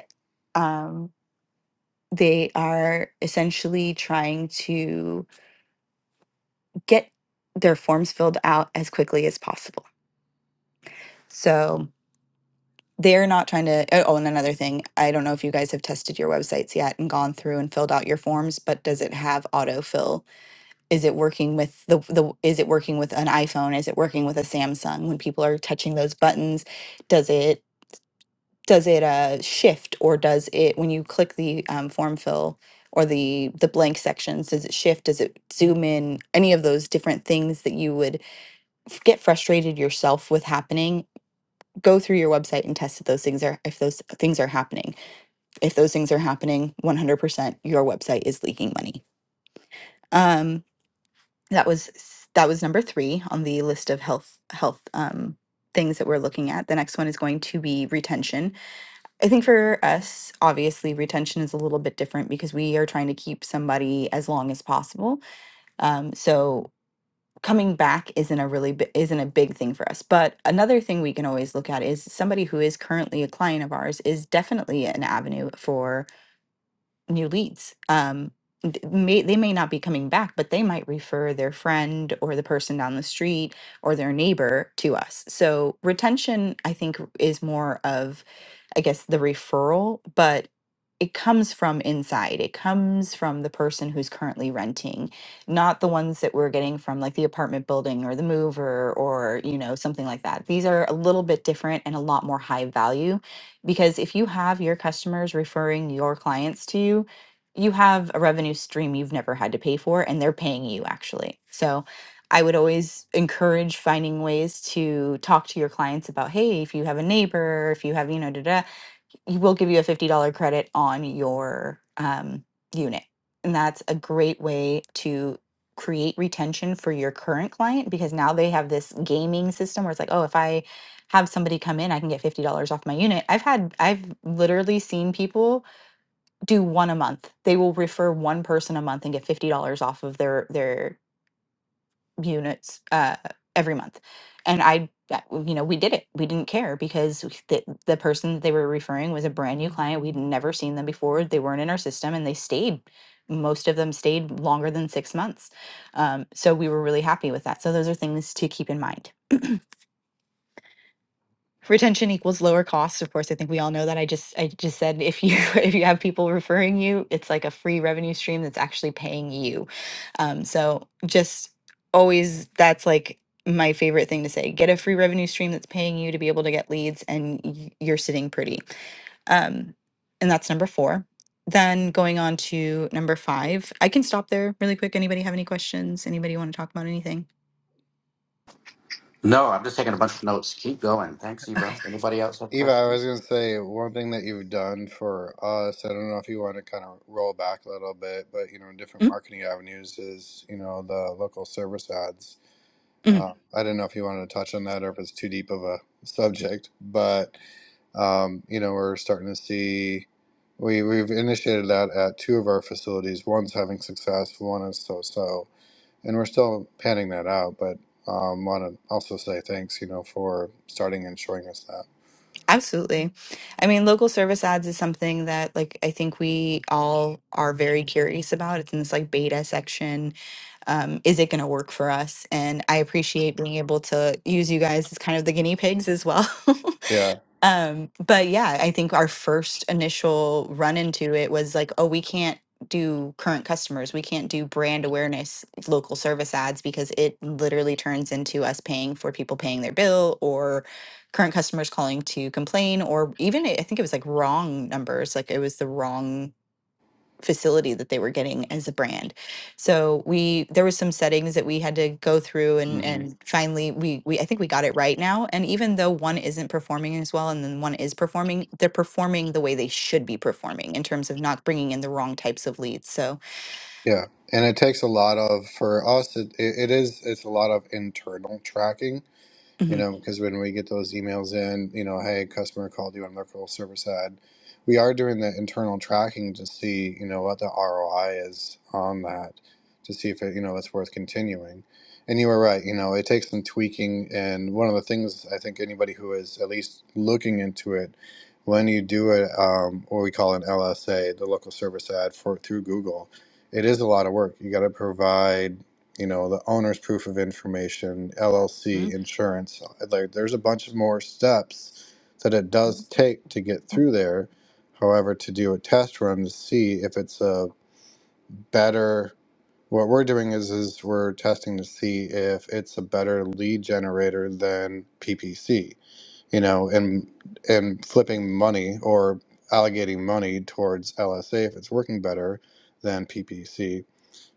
[SPEAKER 2] um, they are essentially trying to get their forms filled out as quickly as possible. So they're not trying to. Oh, oh, and another thing, I don't know if you guys have tested your websites yet and gone through and filled out your forms, but does it have autofill? Is it working with the the? Is it working with an iPhone? Is it working with a Samsung? When people are touching those buttons, does it? does it uh, shift or does it when you click the um, form fill or the the blank sections does it shift does it zoom in any of those different things that you would f- get frustrated yourself with happening go through your website and test if those things are if those things are happening if those things are happening 100% your website is leaking money um that was s- that was number three on the list of health health um things that we're looking at the next one is going to be retention I think for us, obviously, retention is a little bit different because we are trying to keep somebody as long as possible. Um, so coming back isn't a really bi- isn't a big thing for us. But another thing we can always look at is somebody who is currently a client of ours is definitely an avenue for new leads. Um, th- may, they may not be coming back, but they might refer their friend or the person down the street or their neighbor to us. So retention, I think, is more of, I guess, the referral, but it comes from inside. It comes from the person who's currently renting, not the ones that we're getting from like the apartment building or the mover or, you know, something like that. These are a little bit different and a lot more high value because if you have your customers referring your clients to you, you have a revenue stream you've never had to pay for, and they're paying you actually. So I would always encourage finding ways to talk to your clients about, hey, if you have a neighbor, if you have, you know, da da he will give you a $50 credit on your um, unit. And that's a great way to create retention for your current client because now they have this gaming system where it's like, oh, if I have somebody come in, I can get $50 off my unit. I've had, I've literally seen people do one a month. They will refer one person a month and get $50 off of their, their units uh, every month. And I, that- you know, we did it. We didn't care because the, the person that they were referring was a brand new client. We'd never seen them before. They weren't in our system and they stayed. Most of them stayed longer than six months. Um, so we were really happy with that. So those are things to keep in mind retention equals lower costs of course i think we all know that i just i just said if you [laughs] if you have people referring you it's like a free revenue stream that's actually paying you um, so just always that's like my favorite thing to say get a free revenue stream that's paying you to be able to get leads and y- you're sitting pretty um, and that's number four then going on to number five i can stop there really quick anybody have any questions anybody want to talk about anything
[SPEAKER 1] No, I'm just taking a bunch of notes. Keep going. Thanks, Eva.
[SPEAKER 2] okay
[SPEAKER 1] Anybody else have
[SPEAKER 4] Eva, I was
[SPEAKER 1] questions?
[SPEAKER 4] going to say one thing that you've done for us. I don't know if you want to kind of roll back a little bit, but you know, different marketing avenues is you know the local service ads.
[SPEAKER 2] Mhm.
[SPEAKER 4] Uh, I didn't know if you wanted to touch on that or if it's too deep of a subject, but um, you know, we're starting to see we we've initiated that at two of our facilities. One's having success, one is so so, and we're still panning that out. But um, want to also say thanks, you know, for starting and showing us that.
[SPEAKER 2] Absolutely. I mean, local service ads is something that, like, I think we all are very curious about. It's in this, like, beta section. Um, is it going to work for us? And I appreciate being able to use you guys as kind of the guinea pigs as well. [laughs]
[SPEAKER 4] Yeah.
[SPEAKER 2] Um, but yeah, I think our first initial run into it was like, oh, we can't do current customers. We can't do brand awareness local service ads because it literally turns into us paying for people paying their bill or current customers calling to complain or even I I think it was like wrong numbers, like it was the wrong facility that they were getting as a brand. So we there was some settings that we had to go through and
[SPEAKER 4] mm-hmm.
[SPEAKER 2] and finally we we I think we got it right now and even though one isn't performing as well and then one is performing they're performing the way they should be performing in terms of not bringing in the wrong types of leads. So
[SPEAKER 4] Yeah, and it takes a lot of for us. It, it it is it's a lot of internal tracking you
[SPEAKER 2] mhm,
[SPEAKER 4] know, because when we get those emails in, you know, hey, customer called you on local server side, we are doing the internal tracking to see, you know, what the ROI is on that to see if it, you know, it's worth continuing. And you were right, you know, it takes some tweaking. And one of the things I think anybody who is at least looking into it, when you do it, um, what we call an LSA, the local service ad for through Google, it is a lot of work. You got to provide you know, the owner's proof of information, LLC, insurance. Like, there's a bunch of more steps that it does take to get through there. However, to do a test run to see if it's a better, what we're doing is is we're testing to see if it's a better lead generator than PPC, you know, and and flipping money or allocating money towards LSA if it's working better than PPC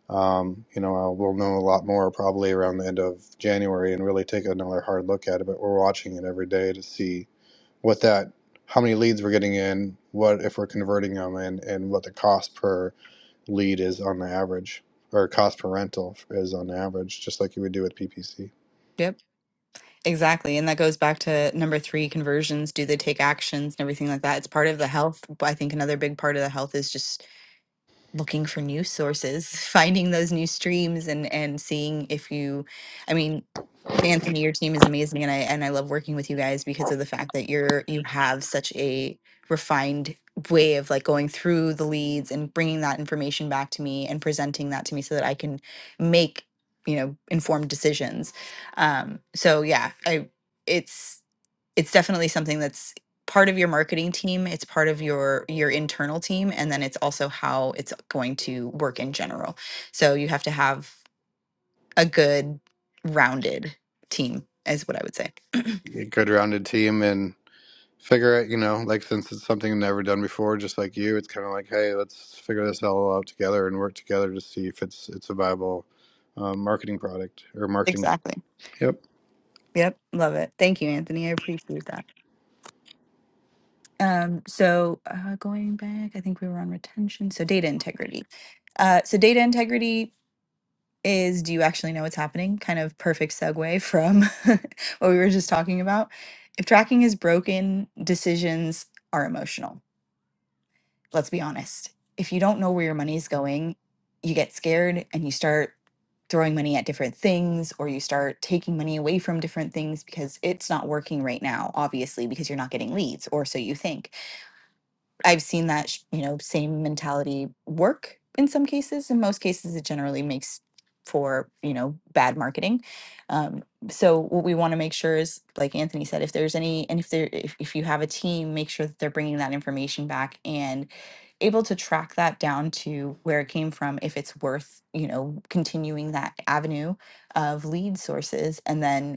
[SPEAKER 4] um, you know, I'll, we'll know a lot more probably around the end of January and really take another hard look at it. But we're watching it every day to see what that, how many leads we're getting in, what if we're converting them, and and what the cost per lead is on the average, or cost per rental is on average, just like you would do with PPC.
[SPEAKER 2] yep. Exactly. And that goes back to number 3 conversions, do they take actions and everything like that. It's part of the health. but I think another big part of the health is just looking for new sources, [laughs] finding those new streams and and seeing if you I mean, Anthony, your team is amazing and I and I love working with you guys because of the fact that you're you have such a refined way of like going through the leads and bringing that information back to me and presenting that to me so that I can make, you know, informed decisions. Um so yeah, I it's it's definitely something that's part of your marketing team it's part of your your internal team and then it's also how it's going to work in general so you have to have a good rounded team is what i would say [clears throat]
[SPEAKER 4] Good rounded team, and figure it, you know, like since it's something never done before, just like you, it's kind of like, hey, let's figure this all out together and work together to see if it's it's a viable um, marketing product or marketing.
[SPEAKER 2] exactly
[SPEAKER 4] Yep.
[SPEAKER 2] yep love it thank you anthony i appreciate that um so uh, going back i think we were on retention so data integrity uh so data integrity is do you actually know what's happening? Kind of perfect segue from [laughs] what we were just talking about. If tracking is broken, decisions are emotional. Let's be honest. If you don't know where your money is going, you get scared and you start throwing money at different things or you start taking money away from different things because it's not working right now, obviously, because you're not getting leads, or so you think I've seen that sh- you know same mentality work in some cases. In most cases, it generally makes for you know bad marketing. Um, so what we want to make sure is, like Anthony said, if there's any and if there if, if you have a team, make sure that they're bringing that information back and able to track that down to where it came from if it's worth you know continuing that avenue of lead sources and then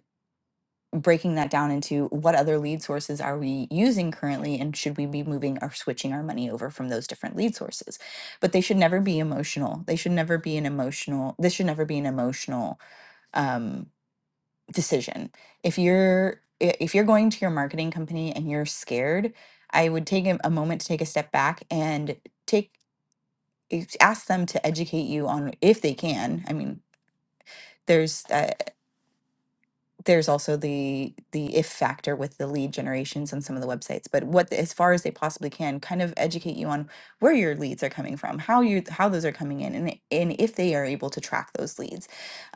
[SPEAKER 2] breaking that down into what other lead sources are we using currently and should we be moving or switching our money over from those different lead sources but they should never be emotional they should never be an emotional this should never be an emotional um, decision if you're if you're going to your marketing company and you're scared i would take a a moment to take a step back and take ask them to educate you on if they can i mean there's uh, there's also the the if factor with the lead generations on some of the websites but what as far as they possibly can kind of educate you on where your leads are coming from how you how those are coming in and, and if they are able to track those leads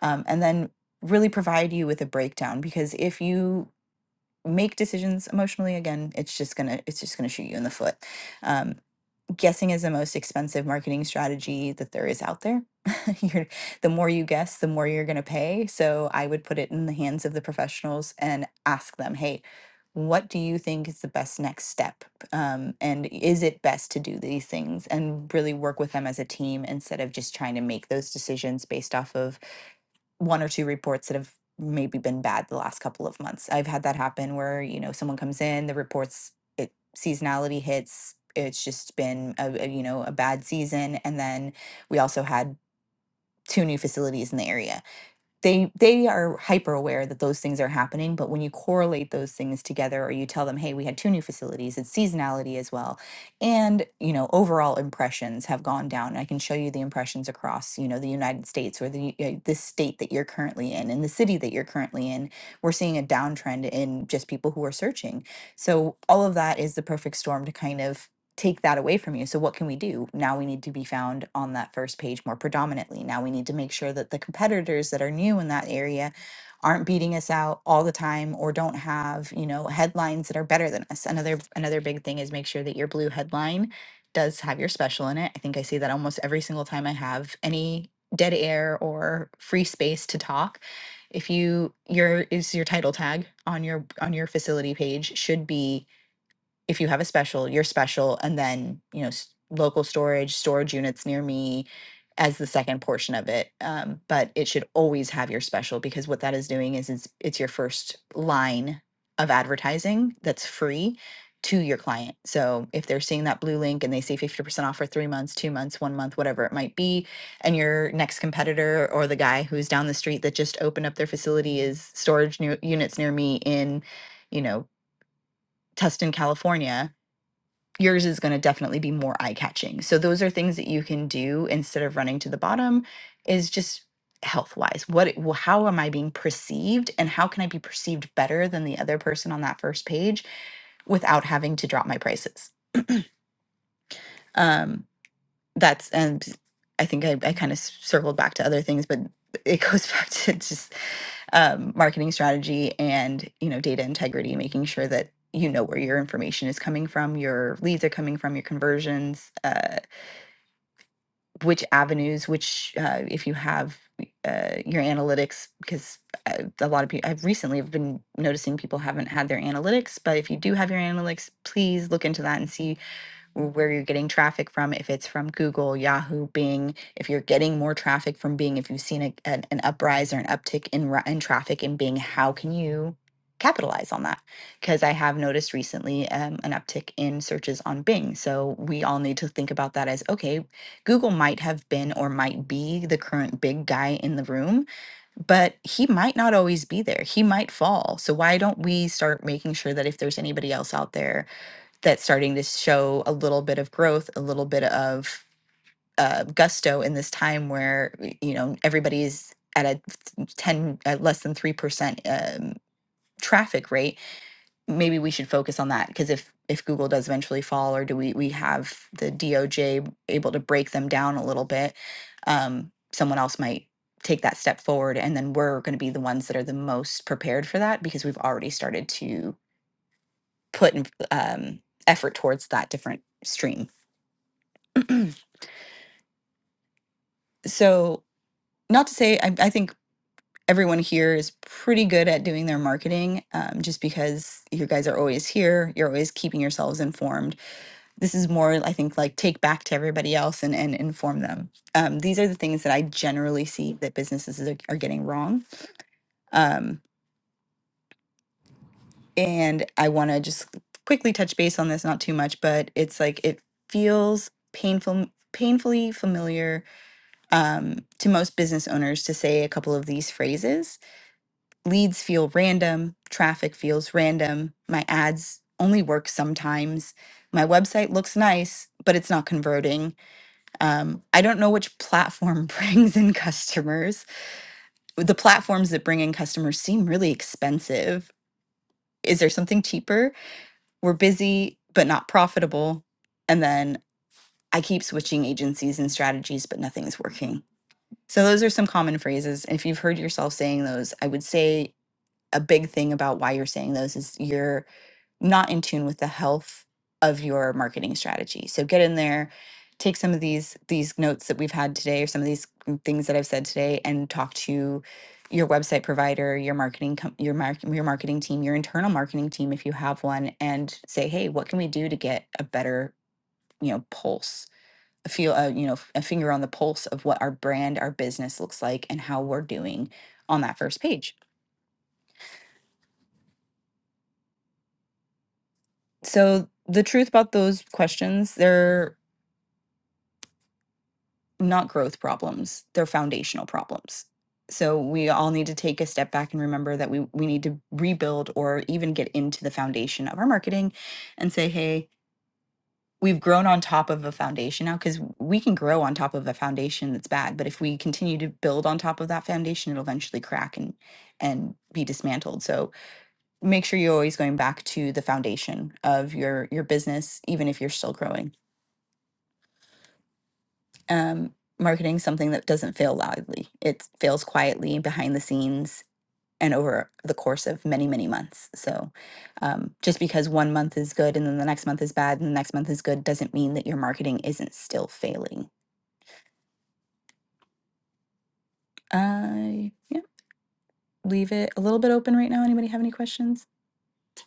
[SPEAKER 2] um, and then really provide you with a breakdown because if you make decisions emotionally again it's just gonna it's just gonna shoot you in the foot Um, guessing is the most expensive marketing strategy that there is out there. [laughs] you're, the more you guess, the more you're going to pay. So I would put it in the hands of the professionals and ask them, hey, what do you think is the best next step? Um, and is it best to do these things and really work with them as a team instead of just trying to make those decisions based off of one or two reports that have maybe been bad the last couple of months. I've had that happen where, you know, someone comes in, the reports, it seasonality hits, it's just been a, a, you know, a bad season and then we also had two new facilities in the area they they are hyper aware that those things are happening but when you correlate those things together or you tell them hey we had two new facilities it's seasonality as well and you know overall impressions have gone down i can show you the impressions across you know the united states or the uh, the state that you're currently in and the city that you're currently in we're seeing a downtrend in just people who are searching so all of that is the perfect storm to kind of take that away from you. So what can we do? Now we need to be found on that first page more predominantly. Now we need to make sure that the competitors that are new in that area aren't beating us out all the time or don't have, you know, headlines that are better than us. Another another big thing is make sure that your blue headline does have your special in it. I think I say that almost every single time I have any dead air or free space to talk. If you your is your title tag on your on your facility page should be if you have a special, your special, and then you know s- local storage, storage units near me as the second portion of it. Um, but it should always have your special because what that is doing is it's, it's your first line of advertising that's free to your client. So if they're seeing that blue link and they see 50% off for three months, two months, one month, whatever it might be, and your next competitor or the guy who's down the street that just opened up their facility is storage new units near me in, you know, Tustin, California yours is going to definitely be more eye catching. So those are things that you can do instead of running to the bottom is just health wise. What it- wh- how am I being perceived and how can I be perceived better than the other person on that first page without having to drop my prices? Um that's and I think I, I kind of circled back to other things, but it goes [laughs] back to just um, marketing strategy and you know data integrity, making sure that you know where your information is coming from, your leads are coming from, your conversions, uh, which avenues, which uh, if you have uh, your analytics, because uh, a lot of people I've recently have been noticing people haven't had their analytics, but if you do have your analytics, please look into that and see where you're getting traffic from, if it's from Google, Yahoo, Bing, if you're getting more traffic from Bing, if you've seen a, an, an uprise or an uptick in, ra- in traffic in Bing, how can you capitalize on that? Because I have noticed recently um, an uptick in searches on Bing. So we all need to think about that as okay, Google might have been or might be the current big guy in the room, but he might not always be there. He might fall. So why don't we start making sure that if there's anybody else out there, that's starting to show a little bit of growth, a little bit of uh, gusto in this time where you know everybody's at a ten at less than three percent um, traffic rate. Maybe we should focus on that because if if Google does eventually fall, or do we we have the DOJ able to break them down a little bit, um, someone else might take that step forward, and then we're going to be the ones that are the most prepared for that because we've already started to put in, um, effort towards that different stream. [clears throat] so not to say I, I think everyone here is pretty good at doing their marketing um, just because you guys are always here you're always keeping yourselves informed this is more i think like take back to everybody else and, and inform them um, these are the things that i generally see that businesses are, are getting wrong um, and i want to just quickly touch base on this not too much but it's like it feels painful painfully familiar um, to most business owners to say a couple of these phrases leads feel random, traffic feels random, my ads only work sometimes, my website looks nice, but it's not converting. Um, I don't know which platform [laughs] brings in customers. The platforms that bring in customers seem really expensive. Is there something cheaper? We're busy, but not profitable. And then I keep switching agencies and strategies, but nothing's working. So, those are some common phrases. If you've heard yourself saying those, I would say a big thing about why you're saying those is you're not in tune with the health of your marketing strategy. So get in there, take some of these these notes that we've had today or some of these mm, things that I've said today and talk to your website provider, your marketing com- your mark your marketing team, your internal marketing team if you have one and say, "Hey, what can we do to get a better, you know, pulse?" a feel uh, you know a finger on the pulse of what our brand our business looks like and how we're doing on that first page so the truth about those questions they're not growth problems, they're foundational problems. So we all need to take a step back and remember that we we need to rebuild or even get into the foundation of our marketing and say, "Hey, we've grown on top of a foundation now because we can grow on top of a foundation that's bad, but if we continue to build on top of that foundation, it'll eventually crack and and be dismantled." So make sure you're always going back to the foundation of your your business even if you're still growing. um, marketing something that doesn't fail loudly. It fails quietly behind the scenes and over the course of many, many months. So um, just because one month is good and then the next month is bad and the next month is good doesn't mean that your marketing isn't still failing. I yeah, leave it a little bit open right now. Anybody have any questions?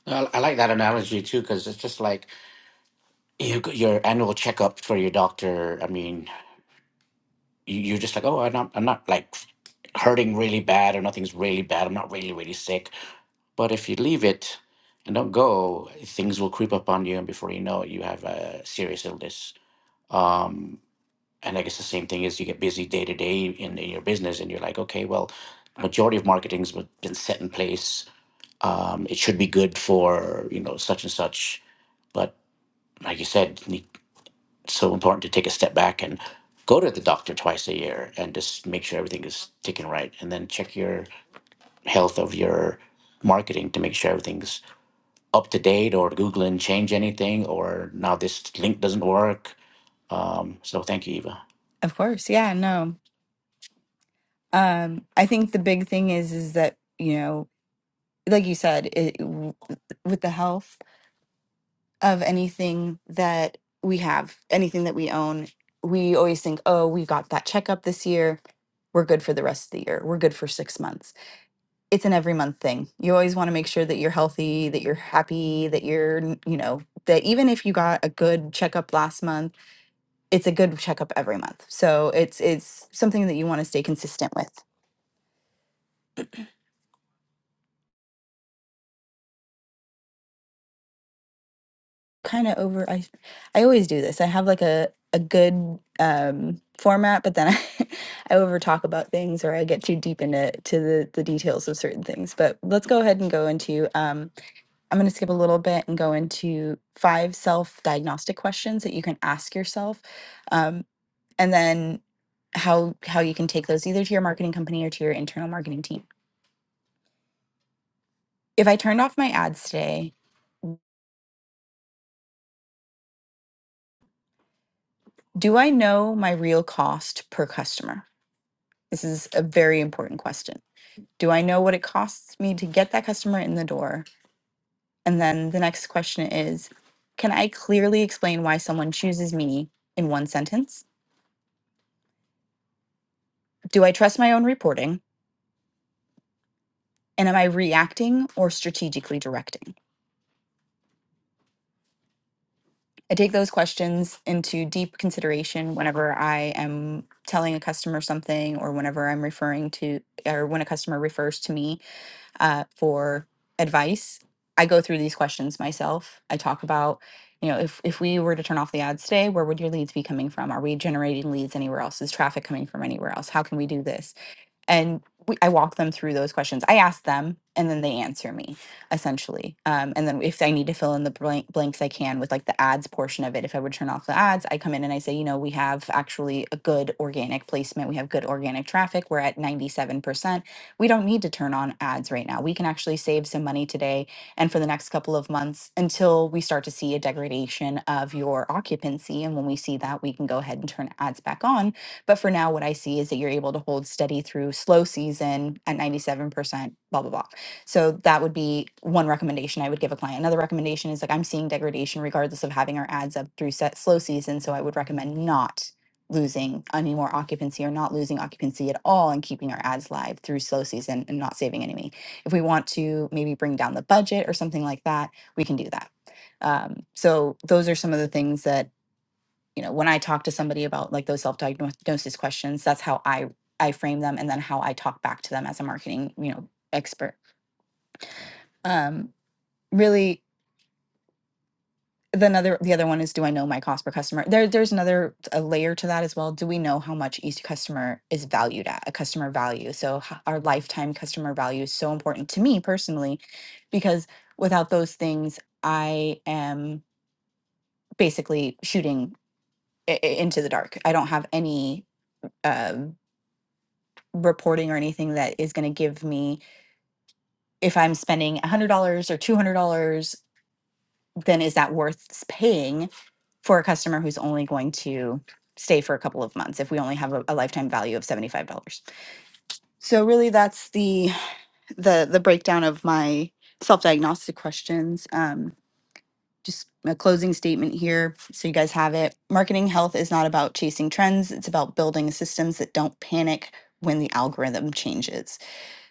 [SPEAKER 1] I, I like that analogy too, because it's just like you, g- your annual checkup for your doctor. I mean, you, you're just like, oh, I'm not, I'm not like hurting really bad or nothing's really bad. I'm not really, really sick. But if you leave it and don't go, things will creep up on you, and before you know it, you have a serious illness. Um, and I guess the same thing is you get busy day to day in in your business, and you're like, okay, well, majority of marketing's been set in place um, it should be good for you know such and such but like you said ne- it's so important to take a step back and go to the doctor twice a year and just make sure everything is ticking right and then check your health of your marketing to make sure everything's up to date or google and change anything or now this link doesn't work um, so thank you eva
[SPEAKER 2] Of course. Yeah, no. Um, I think the big thing is is that, you know, like you said, it, w- with the health. of anything that we have, anything that we own, we always think, oh, we got that checkup this year. We're good for the rest of the year. We're good for six months. It's an every month thing. You always want to make sure that you're healthy, that you're happy, that you're, you know, that even if you got a good checkup last month, it's a good checkup every month. So it's it's something that you want to stay consistent with. kind of over I I always do this. I have like a a good um format, but then I [laughs] I over talk about things or I get too deep into to the the details of certain things. But let's go ahead and go into um I'm going to skip a little bit and go into five self-diagnostic questions that you can ask yourself. Um and then how how you can take those either to your marketing company or to your internal marketing team. If I turned off my ads today, do I know my real cost per customer? This is a very important question. Do I know what it costs me to get that customer in the door? And then the next question is Can I clearly explain why someone chooses me in one sentence? Do I trust my own reporting? And am I reacting or strategically directing? I take those questions into deep consideration whenever I am telling a customer something or whenever I'm referring to, or when a customer refers to me uh, for advice. I go through these questions myself. I talk about, you know, if, if we were to turn off the ads today, where would your leads be coming from? Are we generating leads anywhere else? Is traffic coming from anywhere else? How can we do this? and we, I walk them through those questions. I ask them, and then they answer me, essentially. Um, and then if I need to fill in the blank, blanks, I can with like the ads portion of it. If I would turn off the ads, I come in and I say, you know, we have actually a good organic placement. We have good organic traffic. We're at ninety-seven percent. We don't need to turn on ads right now. We can actually save some money today and for the next couple of months until we start to see a degradation of your occupancy. And when we see that, we can go ahead and turn ads back on but for now, what I see is that you're able to hold steady through slow season at 97%, blah, blah, blah. So that would be one recommendation I would give a client. Another recommendation is like I'm seeing degradation regardless of having our ads up through set slow season. So I would recommend not losing any more occupancy or not losing occupancy at all and keeping our ads live through slow season and not saving any If we want to maybe bring down the budget or something like that, we can do that. Um, so those are some of the things that you know when i talk to somebody about like those self-diagnosis questions that's how i i frame them and then how i talk back to them as a marketing you know expert um really the another the other one is do i know my cost per customer there there's another a layer to that as well do we know how much each customer is valued at a customer value so h- our lifetime customer value is so important to me personally because without those things i am basically shooting i- i- into the dark i don't have any uh, reporting or anything that is going to give me if I'm spending $100 or $200, then is that worth paying for a customer who's only going to stay for a couple of months if we only have a, a lifetime value of $75. So really that's the the the breakdown of my self-diagnostic questions. Um just a closing statement here so you guys have it. Marketing health is not about chasing trends, it's about building systems that don't panic when the algorithm changes.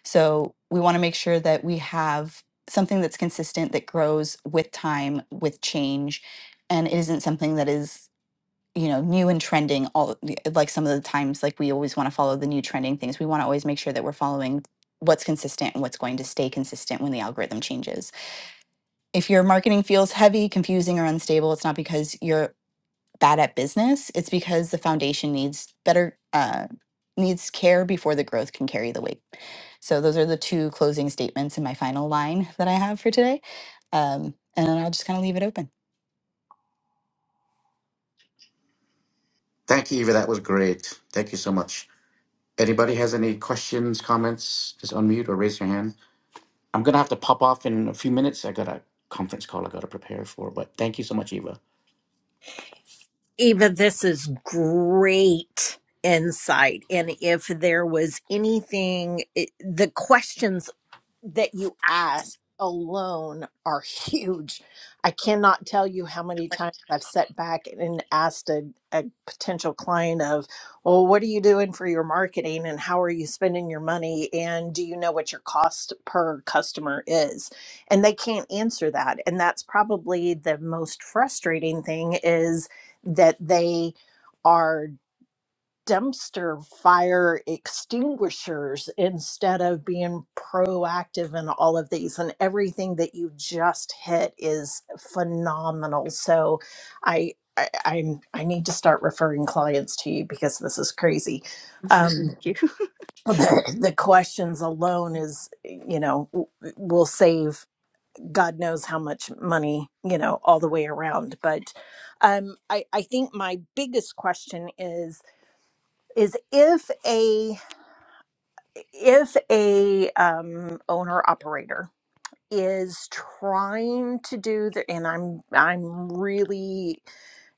[SPEAKER 2] So we want to make sure that we have something that's consistent, that grows with time, with change, and it isn't something that is you know new and trending all like some of the times like we always want to follow the new trending things we want to always make sure that we're following what's consistent and what's going to stay consistent when the algorithm changes if your marketing feels heavy confusing or unstable it's not because you're bad at business, it's because the foundation needs better uh, needs care before the growth can carry the weight. So those are the two closing statements in my final line that I have for today. Um, and then I'll just kind of leave it open.
[SPEAKER 1] thank you eva that was great thank you so much anybody has any questions comments just unmute or raise your hand I'm gonna have to pop off in a few minutes. I got a conference call I gotta prepare for. But thank you so much, Eva.
[SPEAKER 9] Eva, this is great insight. And if there was anything, it, the questions that you ask alone are [laughs] huge. I cannot tell you how many times I've sat back and asked a, a potential client of, well, what are you doing for your marketing and how are you spending your money? And do you know what your cost per customer is? And they can't answer that. And that's probably the most frustrating thing is that they are dumpster fire extinguishers instead of being proactive in all of these and everything that you just hit is phenomenal so i, I i'm i need to start referring clients to you because this is crazy um
[SPEAKER 2] Thank you.
[SPEAKER 9] [laughs] the, the questions alone is you know w- will save god knows how much money you know all the way around but um i i think my biggest question is is if a if a um, owner operator is trying to do the and i'm i'm really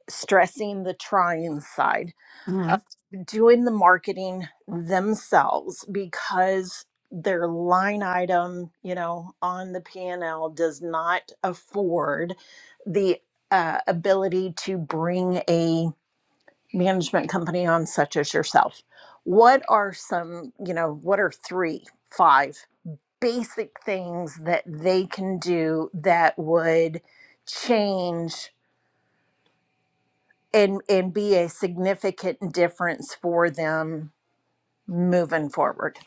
[SPEAKER 9] stressing the trying side
[SPEAKER 2] [laughs] hmm
[SPEAKER 9] of doing the marketing themselves because their line item you know on the p&l does not afford the uh, ability to bring a management company on such as yourself what are some you know what are three five basic things that they can do that would change and and be a significant difference for them moving forward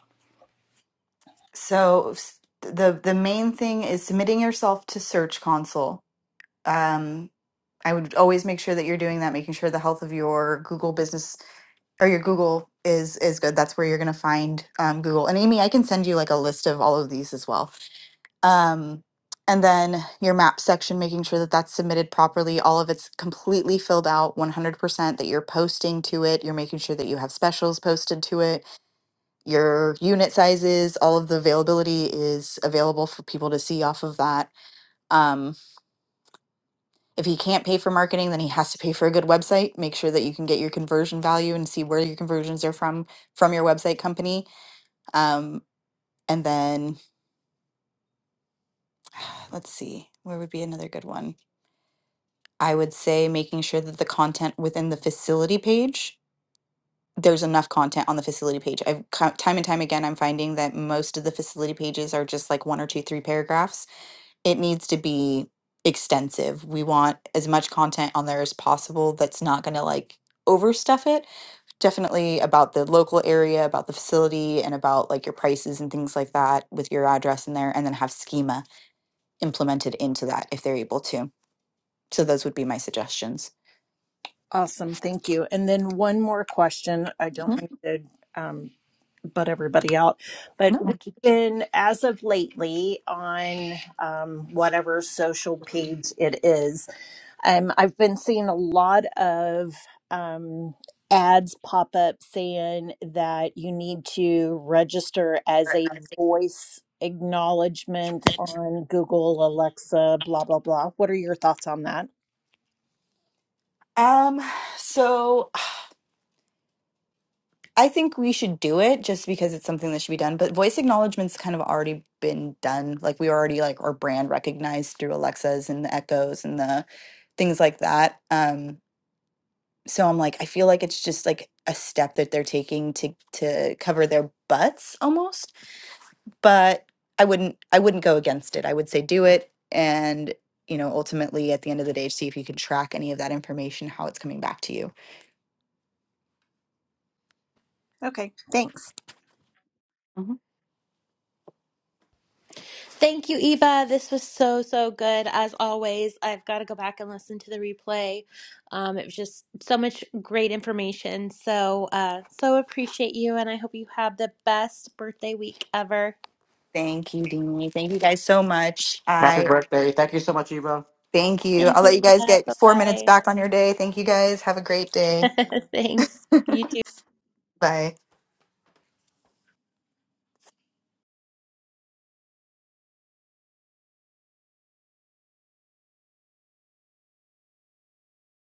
[SPEAKER 2] So s- the the main thing is submitting yourself to Search Console. Um, I would always make sure that you're doing that, making sure the health of your Google business or your Google is is good. That's where you're going to find um, Google. And Amy, I can send you like a list of all of these as well. Um, and then your map section, making sure that that's submitted properly, all of it's completely filled out, 100%, that you're posting to it, you're making sure that you have specials posted to it, your unit sizes, all of the availability is available for people to see off of that. Um, if he can't pay for marketing, then he has to pay for a good website. Make sure that you can get your conversion value and see where your conversions are from from your website company. Um, and then let's see, where would be another good one? I would say making sure that the content within the facility page, there's enough content on the facility page. I've co- time and time again, I'm finding that most of the facility pages are just like one or two, three paragraphs. It needs to be extensive. We want as much content on there as possible that's not going to like overstuff it definitely about the local area, about the facility, and about like your prices and things like that with your address in there, and then have schema implemented into that if they're able to. So those would be my suggestions.
[SPEAKER 9] awesome thank you and then one more question i don't
[SPEAKER 2] Mhm.
[SPEAKER 9] mean to um, butt everybody out but
[SPEAKER 2] No,
[SPEAKER 9] we've
[SPEAKER 2] thank you.
[SPEAKER 9] been as of lately on um, whatever social page it is Um, I've been seeing a lot of um, ads pop up saying that you need to register as a voice acknowledgement on Google, Alexa, blah, blah, blah. What are your thoughts on that?
[SPEAKER 2] Um, so I think we should do it just because it's something that should be done. But voice acknowledgement's kind of already been done. Like we already like our brand recognized through Alexas and the Echoes and the things like that. Um, so I'm like, I feel like it's just like a step that they're taking to to cover their butts almost. But I wouldn't I wouldn't go against it. I would say do it and you know, ultimately at the end of the day, see if you can track any of that information, how it's coming back to you.
[SPEAKER 9] Okay, thanks.
[SPEAKER 3] Thank you, Eva. This was so, so good. As always, I've got to go back and listen to the replay. Um, it was just so much great information. So, uh, so appreciate you, and I hope you have the best birthday week ever.
[SPEAKER 2] Thank you, Deanie. Thank you guys so much.
[SPEAKER 1] Happy
[SPEAKER 2] I
[SPEAKER 1] birthday. Thank you so much, Eva.
[SPEAKER 2] thank you.
[SPEAKER 3] Thank
[SPEAKER 2] I'll let you
[SPEAKER 3] you,
[SPEAKER 2] guys
[SPEAKER 3] Eva.
[SPEAKER 2] get four minutes
[SPEAKER 3] Bye
[SPEAKER 2] back on your day. Thank you guys. Have a great day.
[SPEAKER 3] bye. [laughs] Thanks. You too.
[SPEAKER 2] Bye.